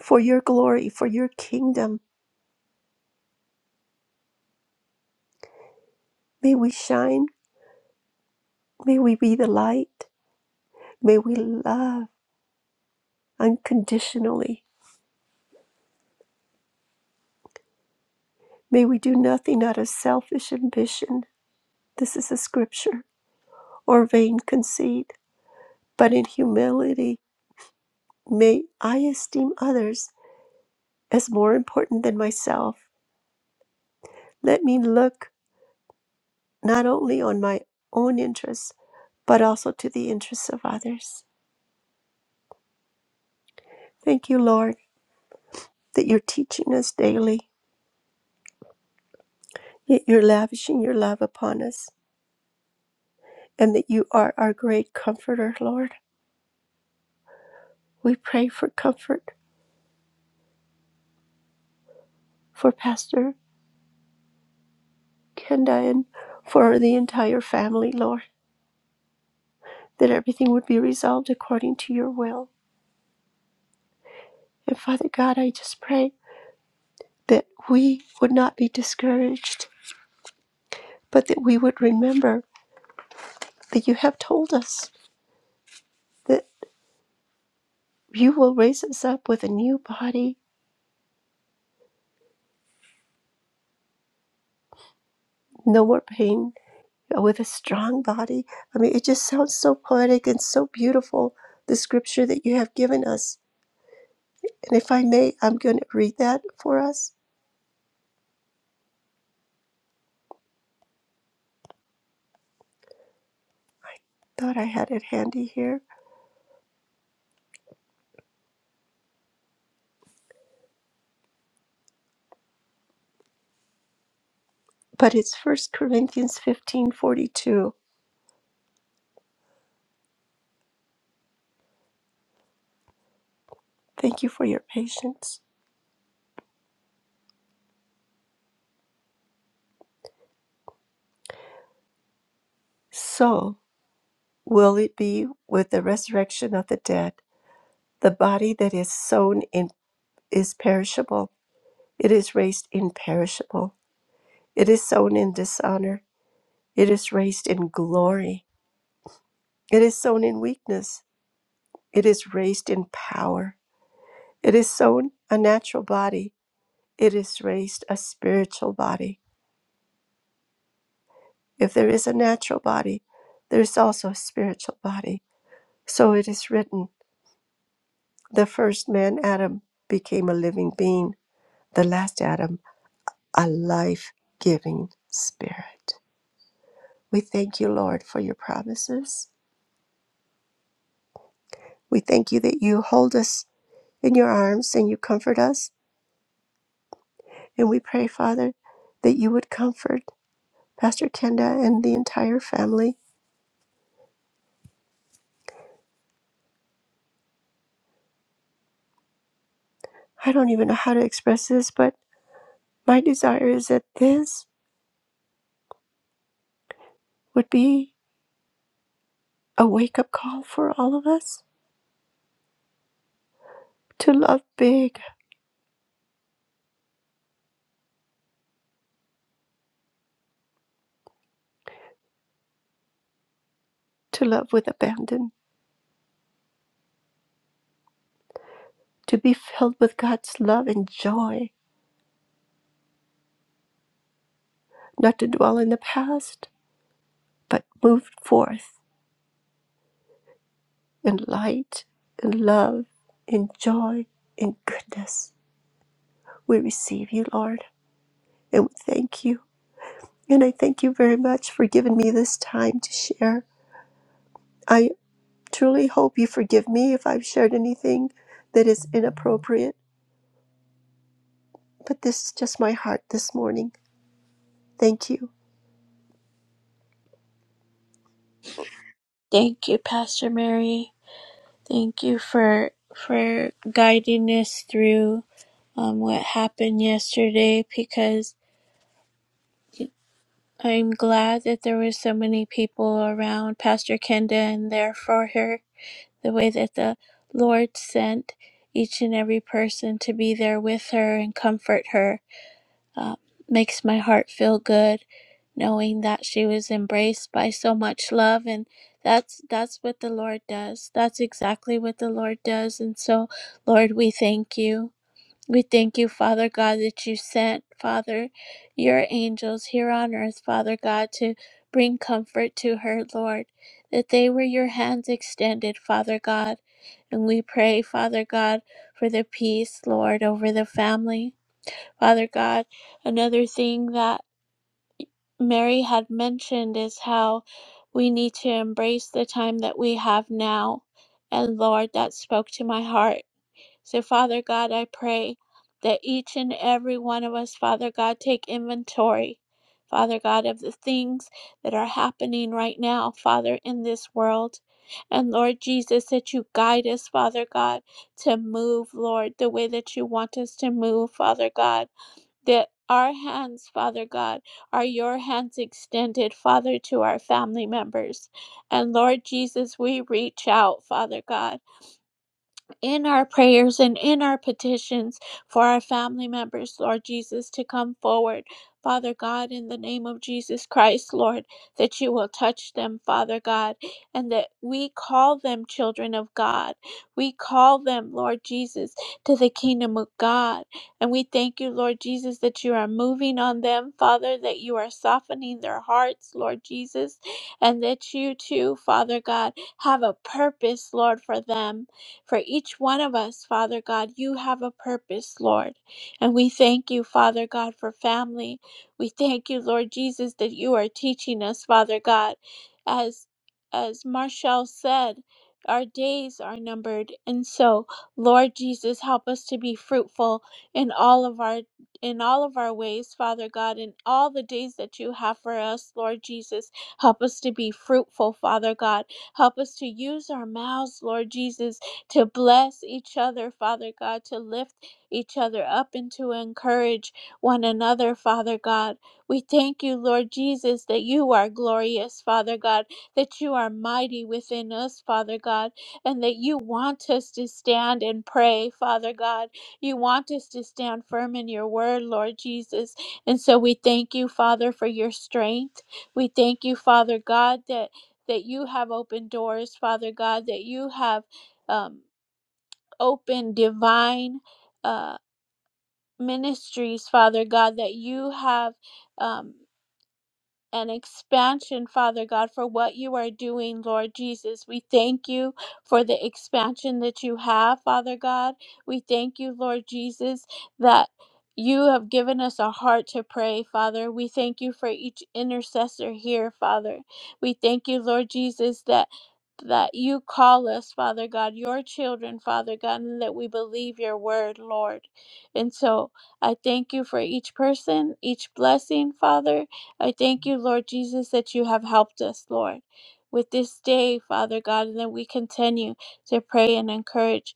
for your glory, for your kingdom. May we shine. May we be the light. May we love unconditionally. May we do nothing out of selfish ambition. This is a scripture or vain conceit. But in humility, may I esteem others as more important than myself. Let me look not only on my own interests, but also to the interests of others. Thank you, Lord, that you're teaching us daily, that you're lavishing your love upon us, and that you are our great comforter, Lord. We pray for comfort for Pastor Kenda and for the entire family, Lord, that everything would be resolved according to your will. And Father God, I just pray that we would not be discouraged, but that we would remember that you have told us. that. You will raise us up with a new body, no more pain, uh, with a strong body. I mean, it just sounds so poetic and so beautiful, the scripture that you have given us. And if I may, I'm going to read that for us. Thought I had it handy here, but it's First Corinthians fifteen forty-two. Thank you for your patience. So will it be with the resurrection of the dead. The body that is sown in is perishable, it is raised imperishable. It is sown in dishonor. It is raised in glory. It is sown in weakness. It is raised in power. It is sown a natural body. It is raised a spiritual body. If there is a natural body, there is also a spiritual body. So it is written the first man, Adam, became a living being, the last Adam, a life giving spirit. We thank you, Lord, for your promises. We thank you that you hold us in your arms and you comfort us. And we pray, Father, that you would comfort Pastor Kenda and the entire family. I don't even know how to express this, but my desire is that this would be a wake up call for all of us to love big, to love with abandon, to be filled with God's love and joy, not to dwell in the past, but move forth in light, in love, in joy, in goodness. We receive you, Lord. And we thank you. And I thank you very much for giving me this time to share. I truly hope you forgive me if I've shared anything that is inappropriate, but this is just my heart this morning. Thank you.
Thank you, Pastor Mary. Thank you for for guiding us through um, what happened yesterday because I'm glad that there were so many people around Pastor Kenda and there for her, the way that the Lord sent each and every person to be there with her and comfort her. Uh, makes my heart feel good knowing that she was embraced by so much love and that's that's what the lord does that's exactly what the lord does and so lord we thank you we thank you, Father God, that you sent, Father, your angels here on earth, Father God, to bring comfort to her, Lord, that they were your hands extended, Father God. And we pray, Father God, for the peace, Lord, over the family. Father God, another thing that Mary had mentioned is how we need to embrace the time that we have now. And Lord, that spoke to my heart so, Father God, I pray that each and every one of us, Father God, take inventory, Father God, of the things that are happening right now, Father, in this world. And Lord Jesus, that you guide us, Father God, to move, Lord, the way that you want us to move, Father God. That our hands, Father God, are your hands extended, Father, to our family members. And Lord Jesus, we reach out, Father God in our prayers and in our petitions for our family members, Lord Jesus, to come forward. Father God, in the name of Jesus Christ, Lord, that you will touch them, Father God, and that we call them children of God. We call them, Lord Jesus, to the kingdom of God. And we thank you, Lord Jesus, that you are moving on them, Father, that you are softening their hearts, Lord Jesus, and that you too, Father God, have a purpose, Lord, for them. For each one of us, Father God, you have a purpose, Lord. And we thank you, Father God, for family. We thank you, Lord Jesus, that you are teaching us, Father God. As as Marshall said, our days are numbered. And so, Lord Jesus, help us to be fruitful in all of our in all of our ways, Father God, in all the days that you have for us, Lord Jesus. Help us to be fruitful, Father God. Help us to use our mouths, Lord Jesus, to bless each other, Father God, to lift each other up and to encourage one another, Father God. We thank you, Lord Jesus, that you are glorious, Father God, that you are mighty within us, Father God, and that you want us to stand and pray, Father God. You want us to stand firm in your word, Lord Jesus. And so we thank you, Father, for your strength. We thank you, Father God, that that you have opened doors, Father God, that you have. Um, open divine uh, ministries, Father God, that you have. Um, and expansion, Father God, for what you are doing, Lord Jesus. We thank you for the expansion that you have, Father God. We thank you, Lord Jesus, that you have given us a heart to pray, Father. We thank you for each intercessor here, Father. We thank you, Lord Jesus, that that you call us, Father God, your children, Father God, and that we believe your word, Lord. And so I thank you for each person, each blessing, Father. I thank you, Lord Jesus, that you have helped us, Lord, with this day, Father God, and that we continue to pray and encourage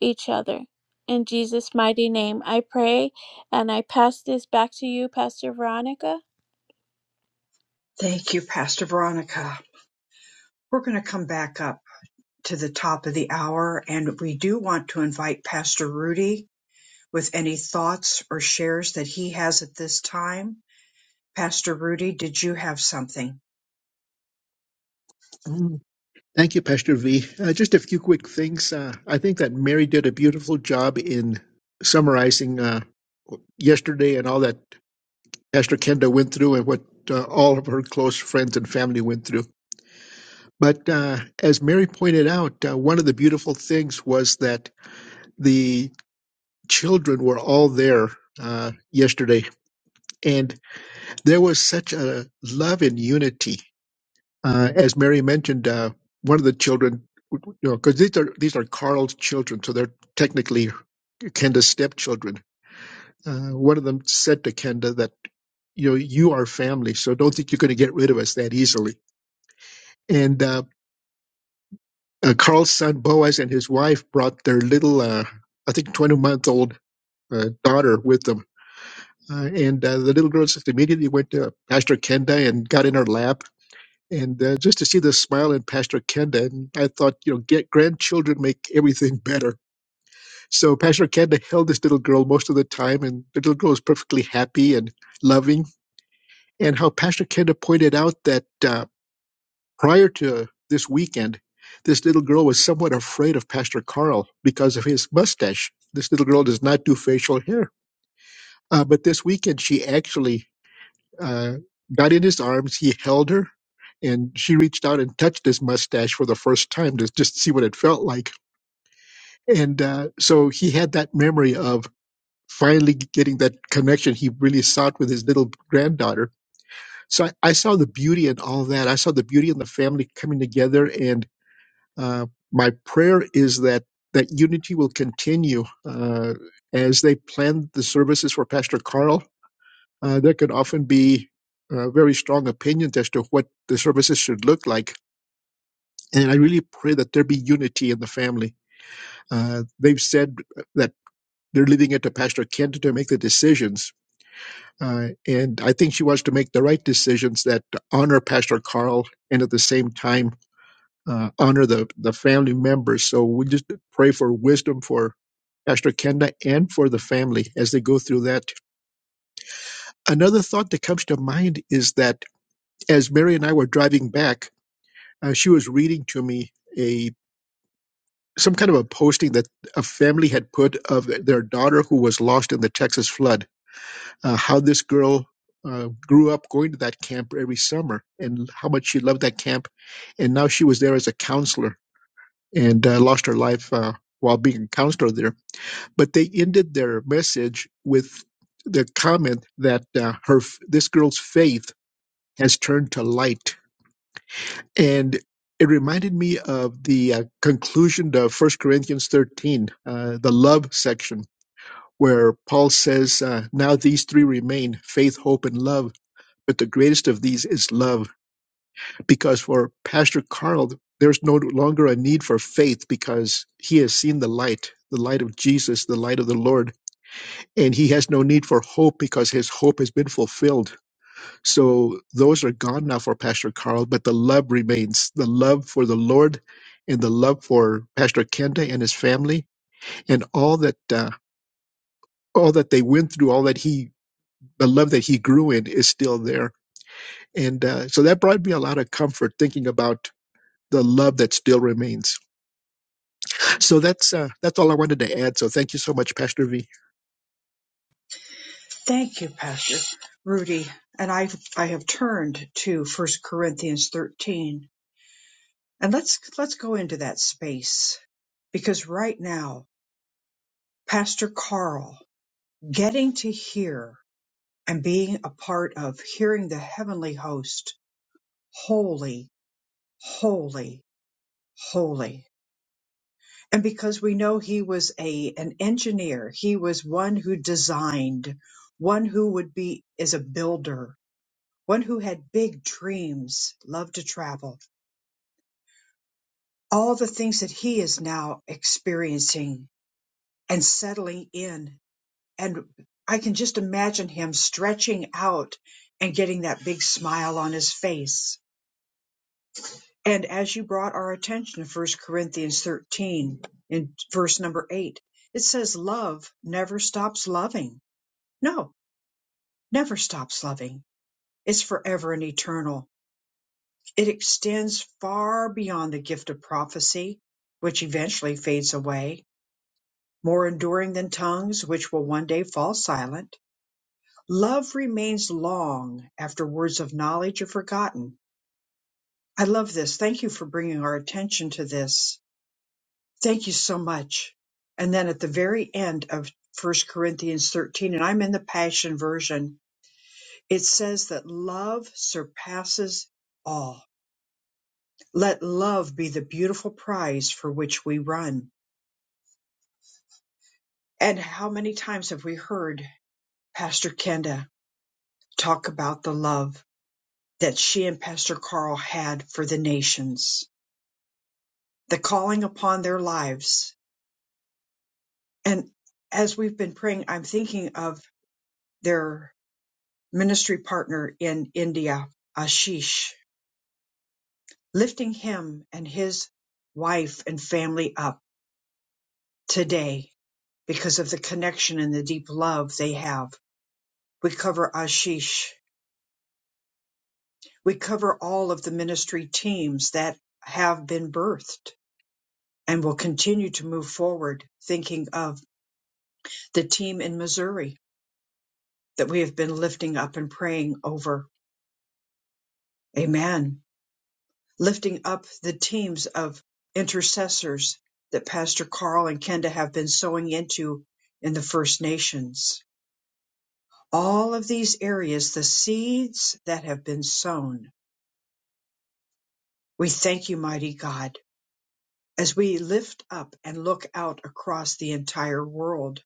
each other. In Jesus' mighty name, I pray and I pass this back to you, Pastor Veronica.
Thank you, Pastor Veronica. We're going to come back up to the top of the hour, and we do want to invite Pastor Rudy with any thoughts or shares that he has at this time. Pastor Rudy, did you have something?
Mm, Thank you, Pastor V. Uh, just a few quick things. Uh, I think that Mary did a beautiful job in summarizing uh, yesterday and all that Pastor Kenda went through and what uh, all of her close friends and family went through. But uh, as Mary pointed out, uh, one of the beautiful things was that the children were all there uh, yesterday, and there was such a love and unity Uh, as Mary mentioned, uh, one of the children, you know, because these are these are Carl's children, so they're technically Kenda's stepchildren. Uh, one of them said to Kenda that you know you are family, so don't think you're going to get rid of us that easily. And uh, uh, Carl's son Boaz and his wife brought their little, uh, I think, 20 month old uh, daughter with them. Uh, and uh, the little girl just immediately went to Pastor Kenda and got in her lap And uh, just to see the smile in Pastor Kenda, and I thought, you know, get grandchildren make everything better. So Pastor Kenda held this little girl most of the time, and the little girl was perfectly happy and loving. And how Pastor Kenda pointed out that uh, prior to this weekend, this little girl was somewhat afraid of Pastor Carl because of his mustache. This little girl does not do facial hair. Uh, but this weekend, she actually uh, got in his arms. He held her, and she reached out and touched his mustache for the first time to just see what it felt like. And uh, so he had that memory of finally getting that connection he really sought with his little granddaughter. So I, I saw the beauty in all that. I saw the beauty in the family coming together. And uh, my prayer is that that unity will continue uh, as they plan the services for Pastor Carl uh, there can often be uh, very strong opinions as to what the services should look like. And I really pray that there be unity in the family. Uh, they've said that they're leaving it to Pastor Kent to make the decisions. Uh, and I think she wants to make the right decisions that honor Pastor Carl and at the same time uh, honor the, the family members. So we just pray for wisdom for Pastor Kenda and for the family as they go through that. Another thought that comes to mind is that as Mary and I were driving back, uh, she was reading to me a some kind of a posting that a family had put of their daughter who was lost in the Texas flood. Uh, how this girl uh, grew up going to that camp every summer, and how much she loved that camp, and now she was there as a counselor and uh, lost her life uh, while being a counselor there. But they ended their message with the comment that uh, her this girl's faith has turned to light and it reminded me of the uh, conclusion of First Corinthians 13, uh, the love section, where Paul says, uh, Now these three remain faith, hope, and love, but the greatest of these is love. Because for Pastor Carl, there's no longer a need for faith because he has seen the light, the light of Jesus, the light of the Lord, and he has no need for hope because his hope has been fulfilled so those are gone now for Pastor Carl, but the love remains the love for the Lord and the love for Pastor Kenda and his family and all that uh, all that they went through, all that he the love that he grew in is still there. And uh, so that brought me a lot of comfort thinking about the love that still remains. So that's uh, that's all I wanted to add. So thank you so much, Pastor V.
Thank you, Pastor Rudy. And I I have turned to First Corinthians 13. And let's let's go into that space because right now, Pastor Carl getting to hear and being a part of hearing the heavenly host, holy, holy, holy. And because we know he was a an engineer, he was one who designed, one who would be is a builder one who had big dreams, loved to travel, all the things that he is now experiencing and settling in. And I can just imagine him stretching out and getting that big smile on his face. And as you brought our attention to First Corinthians 13 in verse number 8, it says, Love never stops loving. No, never stops loving. It's forever and eternal It extends far beyond the gift of prophecy, which eventually fades away, more enduring than tongues, which will one day fall silent. Love remains long after words of knowledge are forgotten. I love this. Thank you for bringing our attention to this. Thank you so much. And then at the very end of First Corinthians 13, and I'm in the Passion Version, it says that love surpasses all. Let love be the beautiful prize for which we run. And how many times have we heard Pastor Kenda talk about the love that she and Pastor Carl had for the nations, the calling upon their lives? And as we've been praying, I'm thinking of their ministry partner in India, Ashish, lifting him and his wife and family up today because of the connection and the deep love they have. We cover Ashish We cover all of the ministry teams that have been birthed and will continue to move forward, thinking of the team in Missouri that we have been lifting up and praying over. Amen. Lifting up the teams of intercessors that Pastor Carl and Kenda have been sowing into in the First Nations. All of these areas, the seeds that have been sown. We thank you, mighty God as we lift up and look out across the entire world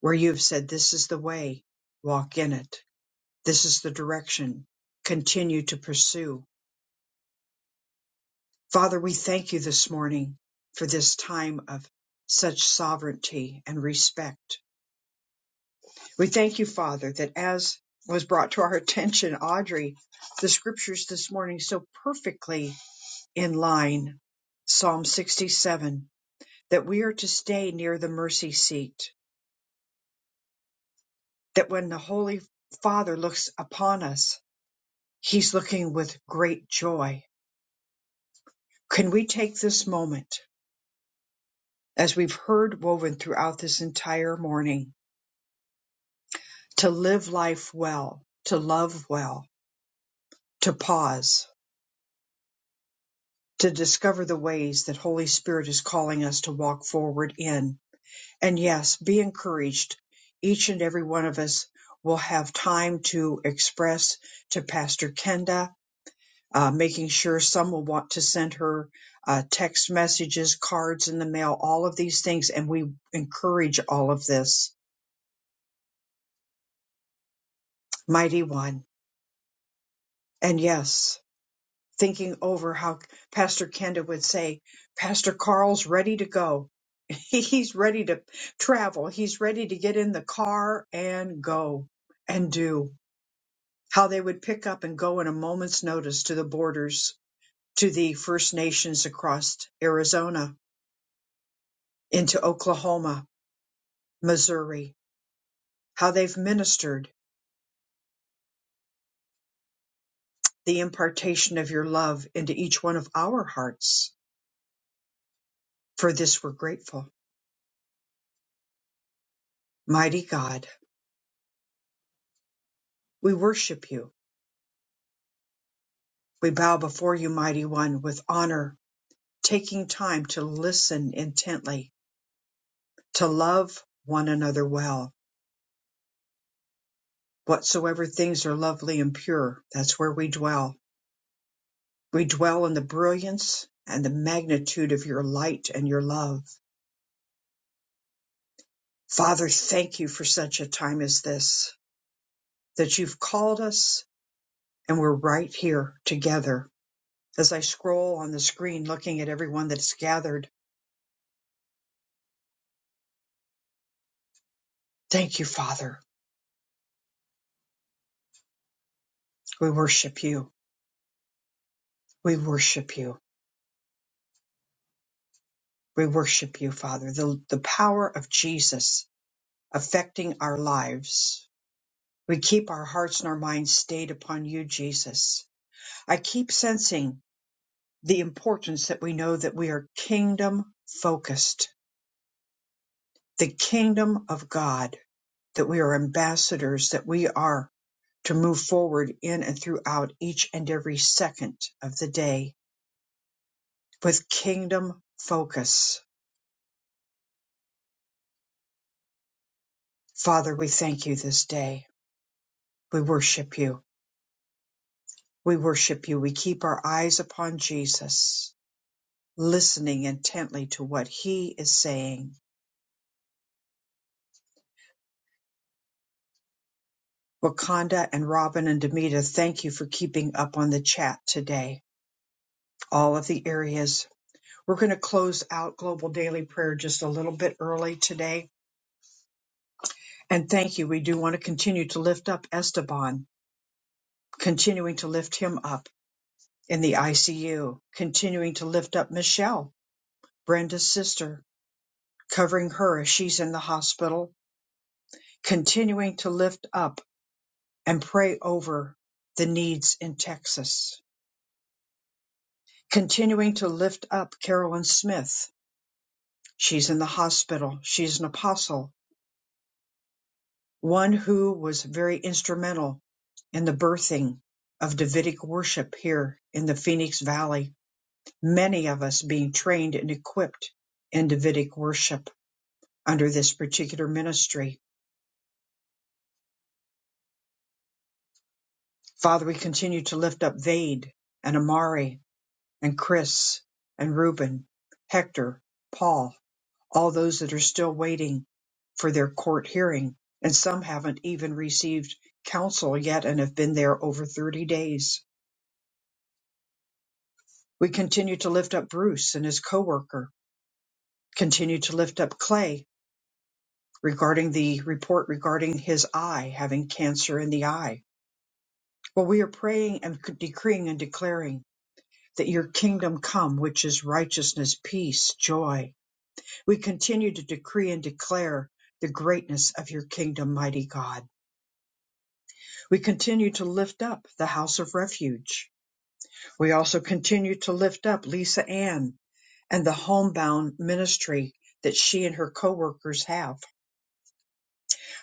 where you've said, This is the way, walk in it. This is the direction, continue to pursue. Father, we thank you this morning for this time of such sovereignty and respect. We thank you, Father, that as was brought to our attention, Audrey, the scriptures this morning so perfectly in line. Psalm 67 that we are to stay near the mercy seat that when the Holy Father looks upon us, he's looking with great joy. Can we take this moment, as we've heard woven throughout this entire morning, to live life well, to love well, to pause, to discover the ways that Holy Spirit is calling us to walk forward in? And yes, be encouraged. Each and every one of us will have time to express to Pastor Kenda uh, making sure some will want to send her uh, text messages, cards in the mail, all of these things. And we encourage all of this. Mighty One. And yes, thinking over how Pastor Kenda would say, Pastor Carl's ready to go. He's ready to travel. He's ready to get in the car and go and do. How they would pick up and go in a moment's notice to the borders, to the First Nations across Arizona, into Oklahoma, Missouri, how they've ministered the impartation of your love into each one of our hearts. For this we're grateful. Mighty God, we worship you. We bow before you, Mighty One, with honor, taking time to listen intently, to love one another well. Whatsoever things are lovely and pure, that's where we dwell. We dwell in the brilliance and the magnitude of your light and your love. Father, thank you for such a time as this. that you've called us and we're right here together. As I scroll on the screen looking at everyone that's gathered, thank you, Father. We worship you. We worship you. We worship you, Father. The, the power of Jesus affecting our lives. We keep our hearts and our minds stayed upon you, Jesus. I keep sensing the importance that we know that we are kingdom focused, the kingdom of God, that we are ambassadors, that we are to move forward in and throughout each and every second of the day with kingdom focus. Father, we thank you this day. We worship you. We worship you. We keep our eyes upon Jesus, listening intently to what he is saying. Wakanda and Robin and Demita, thank you for keeping up on the chat today. All of the areas. We're going to close out Global Daily Prayer just a little bit early today. And thank you. We do want to continue to lift up Esteban continuing to lift him up in the ICU, continuing to lift up Michelle, Brenda's sister, covering her as she's in the hospital, continuing to lift up and pray over the needs in Texas, continuing to lift up Carolyn Smith. She's in the hospital. She's an apostle, one who was very instrumental in the birthing of Davidic worship here in the Phoenix Valley many of us being trained and equipped in Davidic worship under this particular ministry. Father, we continue to lift up Vade and Amari and Chris and Reuben, Hector, Paul, all those that are still waiting for their court hearing, and some haven't even received counsel yet and have been there over 30 days. We continue to lift up Bruce and his coworker. Continue to lift up Clay regarding the report regarding his eye having cancer in the eye. Well, we are praying and decreeing and declaring that your kingdom come, which is righteousness, peace, joy. We continue to decree and declare the greatness of your kingdom, mighty God. We continue to lift up the house of refuge. We also continue to lift up Lisa Ann and the homebound ministry that she and her co-workers have.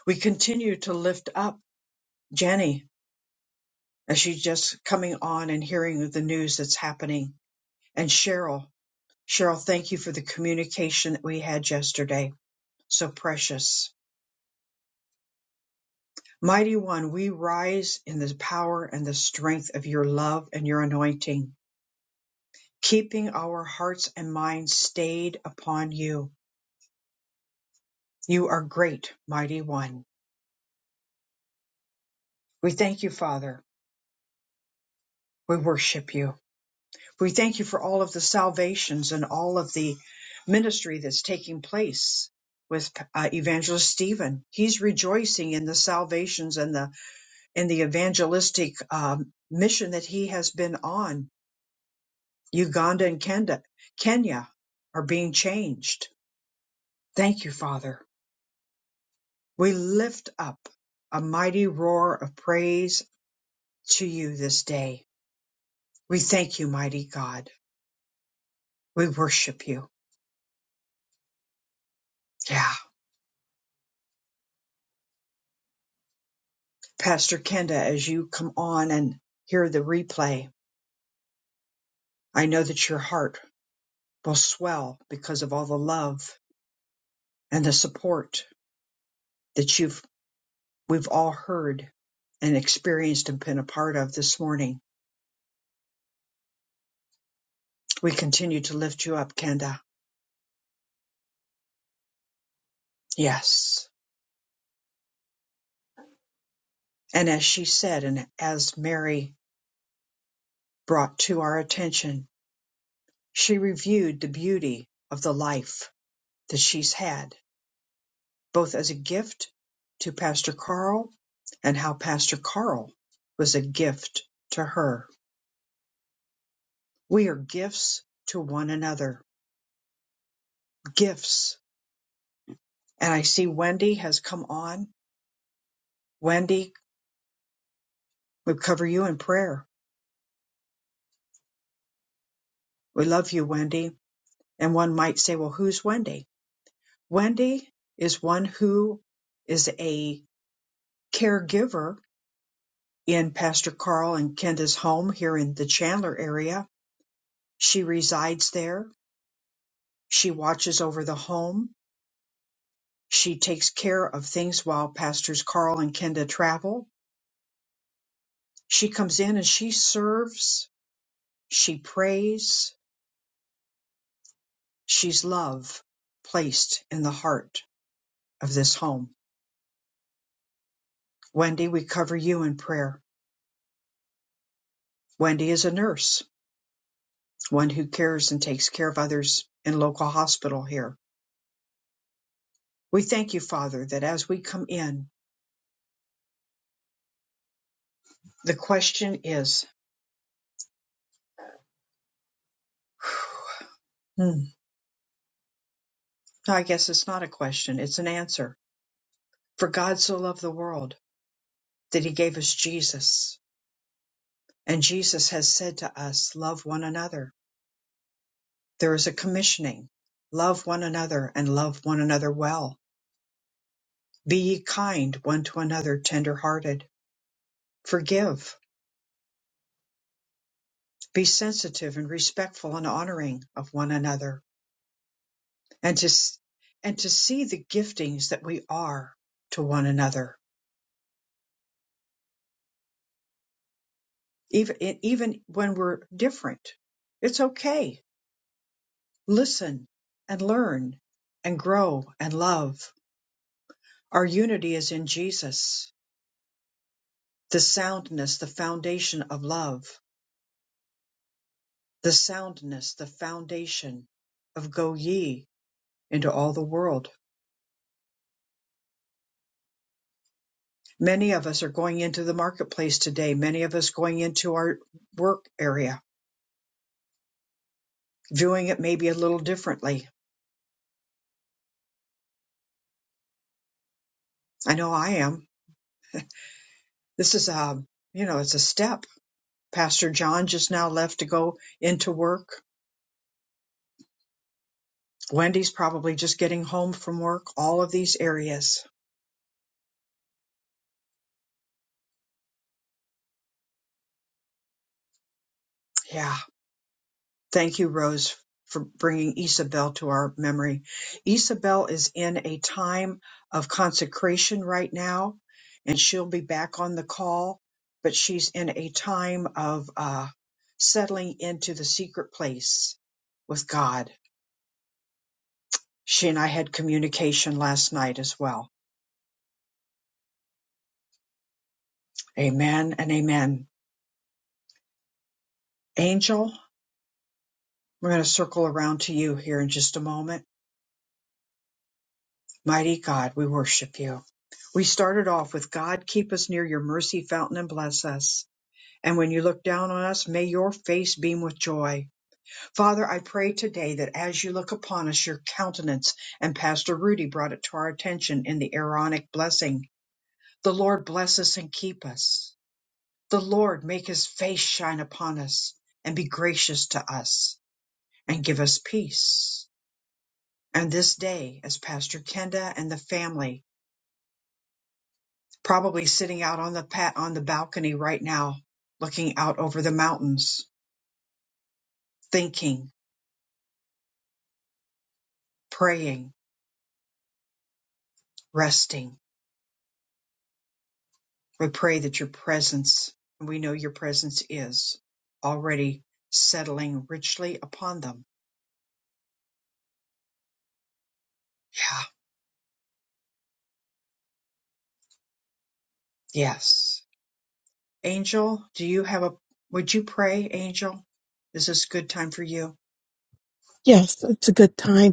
We continue to lift up Jenny as she's just coming on and hearing the news that's happening. And Cheryl, Cheryl, thank you for the communication that we had yesterday. So precious. Mighty One, we rise in the power and the strength of your love and your anointing, keeping our hearts and minds stayed upon you. You are great, Mighty One. We thank you, Father. We worship you. We thank you for all of the salvations and all of the ministry that's taking place with uh, evangelist Stephen. He's rejoicing in the salvations and the and the evangelistic um, mission that he has been on. Uganda and Kenda, Kenya are being changed. Thank you, Father. We lift up a mighty roar of praise to you this day. We thank you, mighty God. We worship you. Yeah. Pastor Kenda, as you come on and hear the replay, I know that your heart will swell because of all the love and the support that you've we've all heard and experienced and been a part of this morning. We continue to lift you up, Kenda. Yes. And as she said, and as Mary brought to our attention, she reviewed the beauty of the life that she's had both as a gift to Pastor Carl and how Pastor Carl was a gift to her. We are gifts to one another, gifts. And I see Wendy has come on. Wendy, we cover you in prayer. We love you, Wendy. And one might say, well, who's Wendy? Wendy is one who is a caregiver in Pastor Carl and Kenda's home here in the Chandler area. She resides there. She watches over the home She takes care of things while Pastors Carl and Kenda travel. She comes in and she serves, she prays, she's love placed in the heart of this home. Wendy, we cover you in prayer. Wendy is a nurse, one who cares and takes care of others in local hospital here. We thank you, Father, that as we come in, the question is, hmm, I guess it's not a question, it's an answer. For God so loved the world that he gave us Jesus And Jesus has said to us, Love one another. There is a commissioning. Love one another and love one another well. Be ye kind one to another, tender hearted. Forgive. Be sensitive and respectful and honoring of one another. And to, s- and to see the giftings that we are to one another, even, e, even when we're different. It's okay. Listen and learn and grow and love. Our unity is in Jesus The soundness, the foundation of love, the soundness, the foundation of go ye into all the world. Many of us are going into the marketplace today, many of us going into our work area, viewing it maybe a little differently. I know I am. This is a, you know, it's a step. Pastor John just now left to go into work. Wendy's probably just getting home from work. All of these areas. Yeah Thank you, Rose, for bringing Isabel to our memory. Isabel is in a time of consecration right now, and she'll be back on the call, but she's in a time of uh, settling into the secret place with God. She and I had communication last night as well. Amen and amen. Angel, we're going to circle around to you here in just a moment. Mighty God, we worship you. We started off with God, keep us near your mercy fountain and bless us. And when you look down on us, may your face beam with joy. Father, I pray today that as you look upon us, your countenance, and Pastor Rudy brought it to our attention in the Aaronic blessing. The Lord bless us and keep us. The Lord make his face shine upon us and be gracious to us and give us peace. And this day, as Pastor Kenda and the family probably sitting out on the pat on the balcony right now, looking out over the mountains, thinking, praying, resting. We pray that your presence, and we know your presence is already settling richly upon them. Yeah. Yes. Angel, do you have a, would you pray, Angel? Is this a good time for you?
Yes, it's a good time.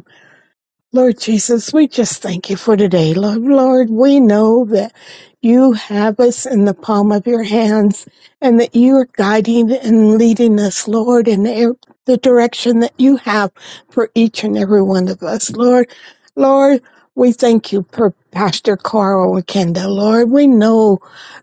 Lord Jesus, we just thank you for today. Lord, Lord, we know that you have us in the palm of your hands and that you are guiding and leading us, Lord, in the the direction that you have for each and every one of us. Lord, Lord, we thank you for Pastor Carl and Kendall. Lord, we know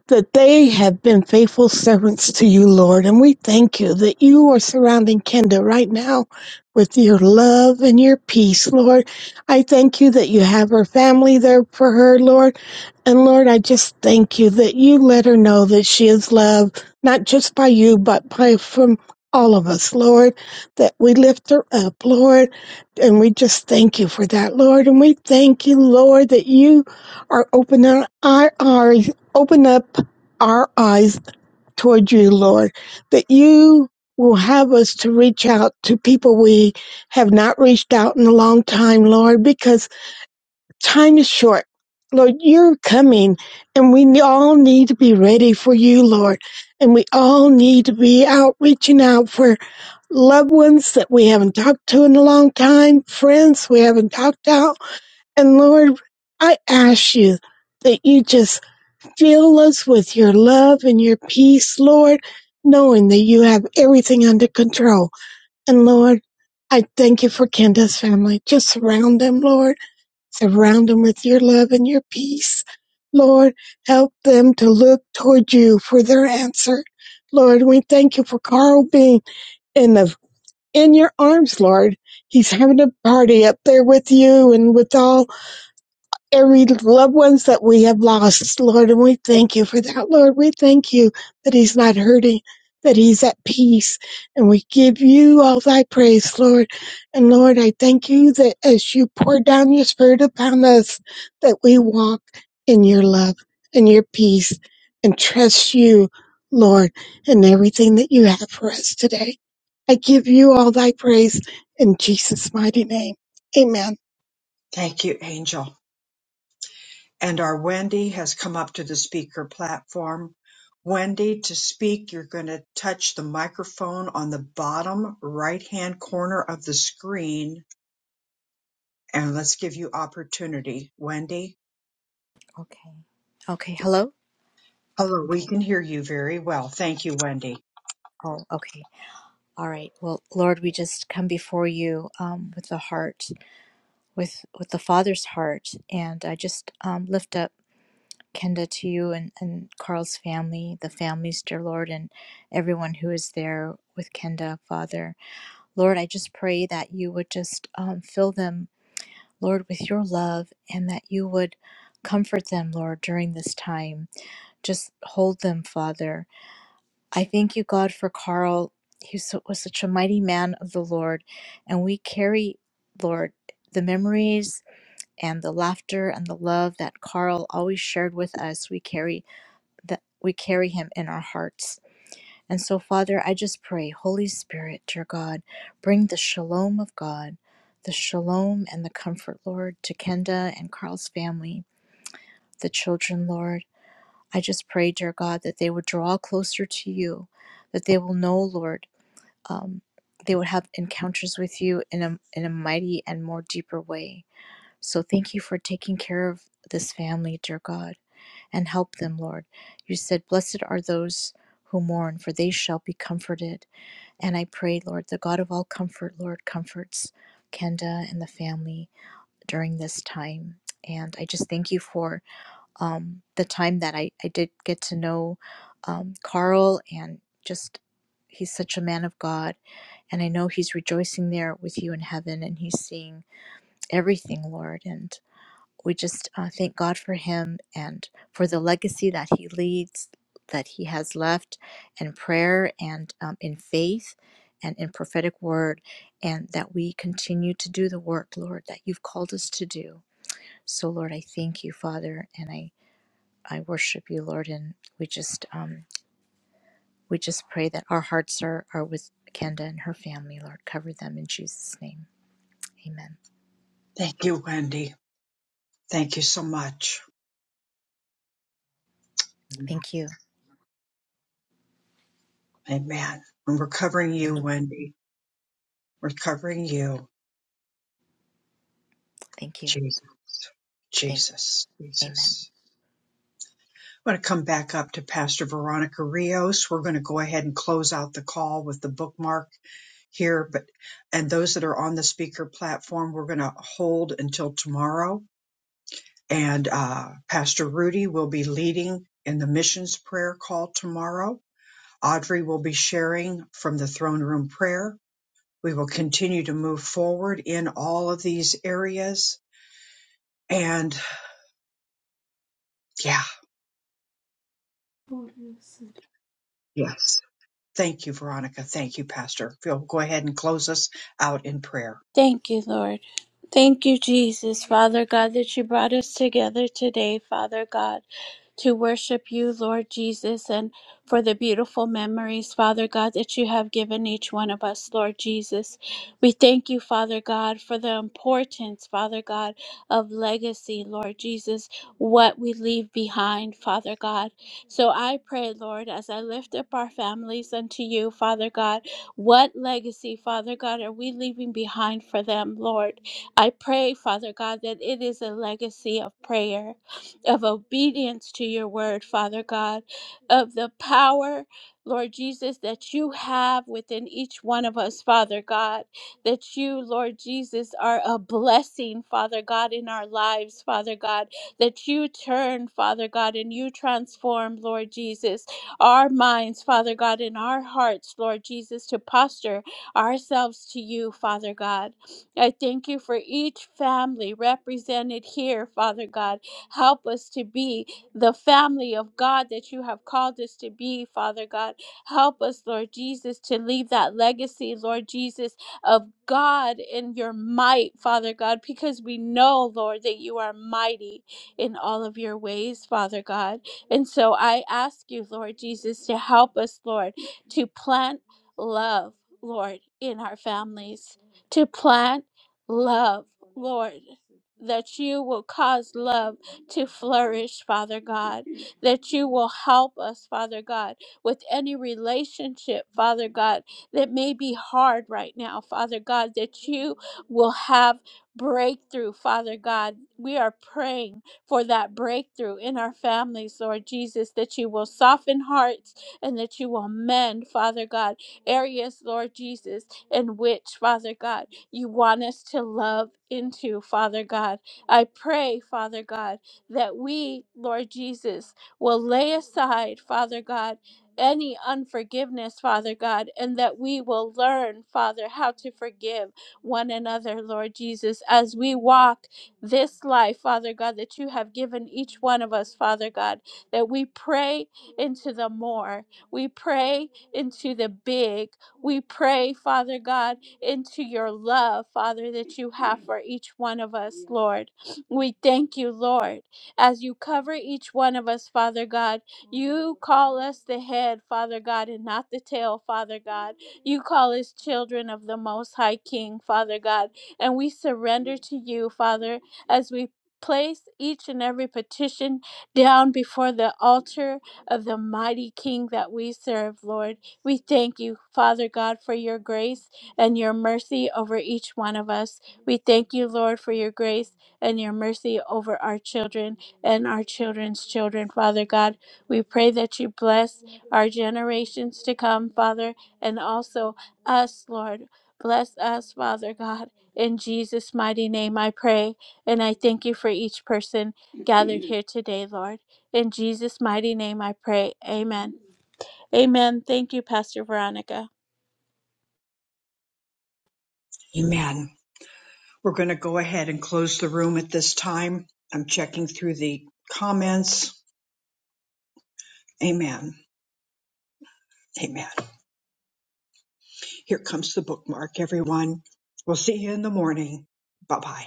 that they have been faithful servants to you, Lord, and we thank you that you are surrounding Kendall right now with your love and your peace, Lord. I thank you that you have her family there for her, Lord. And Lord, I just thank you that you let her know that she is loved, not just by you, but by from all of us, Lord, that we lift her up, Lord. And we just thank you for that, Lord. And we thank you, Lord, that you are opening our eyes, open up our eyes toward you, Lord, that you will have us to reach out to people we have not reached out in a long time, Lord, because time is short. Lord, you're coming and we all need to be ready for you, Lord. And we all need to be out reaching out for loved ones that we haven't talked to in a long time, friends we haven't talked out. And Lord, I ask you that you just Fill us with your love and your peace, Lord, knowing that you have everything under control. And Lord, I thank you for Kenda's family. Just surround them, Lord. Surround them with your love and your peace. Lord, help them to look toward you for their answer. Lord, we thank you for Carl being in the in your arms, Lord. He's having a party up there with you and with all every loved ones that we have lost, Lord, and we thank you for that, Lord. We thank you that he's not hurting, that he's at peace, and we give you all thy praise, Lord. And Lord, I thank you that as you pour down your spirit upon us, that we walk in your love and your peace and trust you, Lord, in everything that you have for us today. I give you all thy praise in Jesus' mighty name. Amen.
Thank you, Angel. and our Wendy has come up to the speaker platform. Wendy, to speak, you're going to touch the microphone on the bottom right hand corner of the screen, and let's give you opportunity. Wendy,
Okay. Okay. Hello?
hello, we
Okay.
can hear you very well. Thank you, Wendy.
Oh, okay. All right. Well, Lord, we just come before you um, with the heart, with with the Father's heart, and I just um, lift up Kenda to you and, and Carl's family, the families, dear Lord, and everyone who is there with Kenda, Father. Lord, I just pray that you would just um, fill them, Lord, with your love, and that you would comfort them, Lord, during this time. Just hold them, Father I thank you, God, for Carl. He so- was such a mighty man of the Lord. And we carry, Lord, the memories and the laughter and the love that Carl always shared with us. We carry that we carry him in our hearts. And so, Father, I just pray, Holy Spirit, dear God, bring the shalom of God, the shalom and the comfort, Lord, to Kenda and Carl's family, the children, Lord. I just pray, dear God, that they would draw closer to you, that they will know, Lord, um, they would have encounters with you in a in a mighty and more deeper way. So thank you for taking care of this family, dear God, and help them, Lord. You said, "Blessed are those who mourn, for they shall be comforted." And I pray, Lord, the God of all comfort, Lord, comforts Kenda and the family during this time. And I just thank you for um, the time that I, I did get to know um, Carl and just he's such a man of God and I know He's rejoicing there with you in heaven and He's seeing everything, Lord. And we just uh, thank God for Him and for the legacy that He leads, that He has left in prayer and um, in faith and in prophetic word. And that we continue to do the work, Lord, that you've called us to do. So, Lord, I thank you, Father, and I, I worship you, Lord. And we just, um, we just pray that our hearts are, are with Kenda and her family, Lord. Cover them in Jesus' name. Amen.
Thank you, Wendy. Thank you so much.
Thank you.
Amen. And we're covering you,
Amen.
Wendy. We're covering you.
Thank you.
Jesus,
Thank.
Jesus,
Amen.
Jesus. I'm going to come back up to Pastor Veronica Rios. We're going to go ahead and close out the call with the bookmark here. But and those that are on the speaker platform, we're going to hold until tomorrow. And uh, Pastor Rudy will be leading in the missions prayer call tomorrow. Audrey will be sharing from the throne room prayer. We will continue to move forward in all of these areas. And yeah, yes. Thank you, Veronica. Thank you, Pastor. Phil, go ahead and close us out in prayer.
Thank you, Lord. Thank you, Jesus, Father God, that you brought us together today, Father God. to worship you, Lord Jesus, and for the beautiful memories, Father God, that you have given each one of us, Lord Jesus. We thank you, Father God, for the importance, Father God, of legacy, Lord Jesus, what we leave behind, Father God. So I pray, Lord, as I lift up our families unto you, Father God, what legacy, Father God, are we leaving behind for them, Lord? I pray, Father God, that it is a legacy of prayer of obedience to your word, Father God, of the power, Lord Jesus, that you have within each one of us, Father God, that you, Lord Jesus, are a blessing, Father God, in our lives, Father God, that you turn, Father God, and you transform, Lord Jesus, our minds, Father God, and our hearts, Lord Jesus, to posture ourselves to you, Father God. I thank you for each family represented here, Father God Help us to be the family of God that you have called us to be, Father God. Help us, Lord Jesus, to leave that legacy, Lord Jesus, of God in your might, Father God, because we know, Lord, that you are mighty in all of your ways, Father God. And so I ask you, Lord Jesus, to help us, Lord, to plant love, Lord, in our families, to plant love, Lord, that you will cause love to flourish, Father God, that you will help us, Father God, with any relationship, Father God, that may be hard right now, Father God, that you will have breakthrough, Father God. We are praying for that breakthrough in our families, Lord Jesus, that you will soften hearts and that you will mend, Father God, areas, Lord Jesus, in which, Father God, you want us to love into, Father God. I pray, Father God that we, Lord Jesus, will lay aside, Father God, any unforgiveness, Father God, and that we will learn, Father, how to forgive one another, Lord Jesus, as we walk this life, Father God, that you have given each one of us, Father God, that we pray into the more, we pray into the big, we pray, Father God, into your love, Father, that you have for each one of us, Lord. We thank you, Lord as you cover each one of us, Father God. You call us the head, Father God, and not the tail, Father God. You call us children of the Most High King, Father God. And we surrender to you, Father, as we place each and every petition down before the altar of the mighty King that we serve, Lord. We thank you, Father God, for your grace and your mercy over each one of us. We thank you, Lord, for your grace and your mercy over our children and our children's children, Father God. We pray that you bless our generations to come, Father, and also us, Lord. Bless us, Father God. In Jesus' mighty name, I pray, and I thank you for each person gathered here today, Lord. In Jesus' mighty name, I pray. Amen. Amen. Thank you, Pastor Veronica.
Amen. We're going to go ahead and close the room at this time. I'm checking through the comments. Amen. Amen. Here comes the bookmark, everyone. We'll see you in the morning. Bye bye.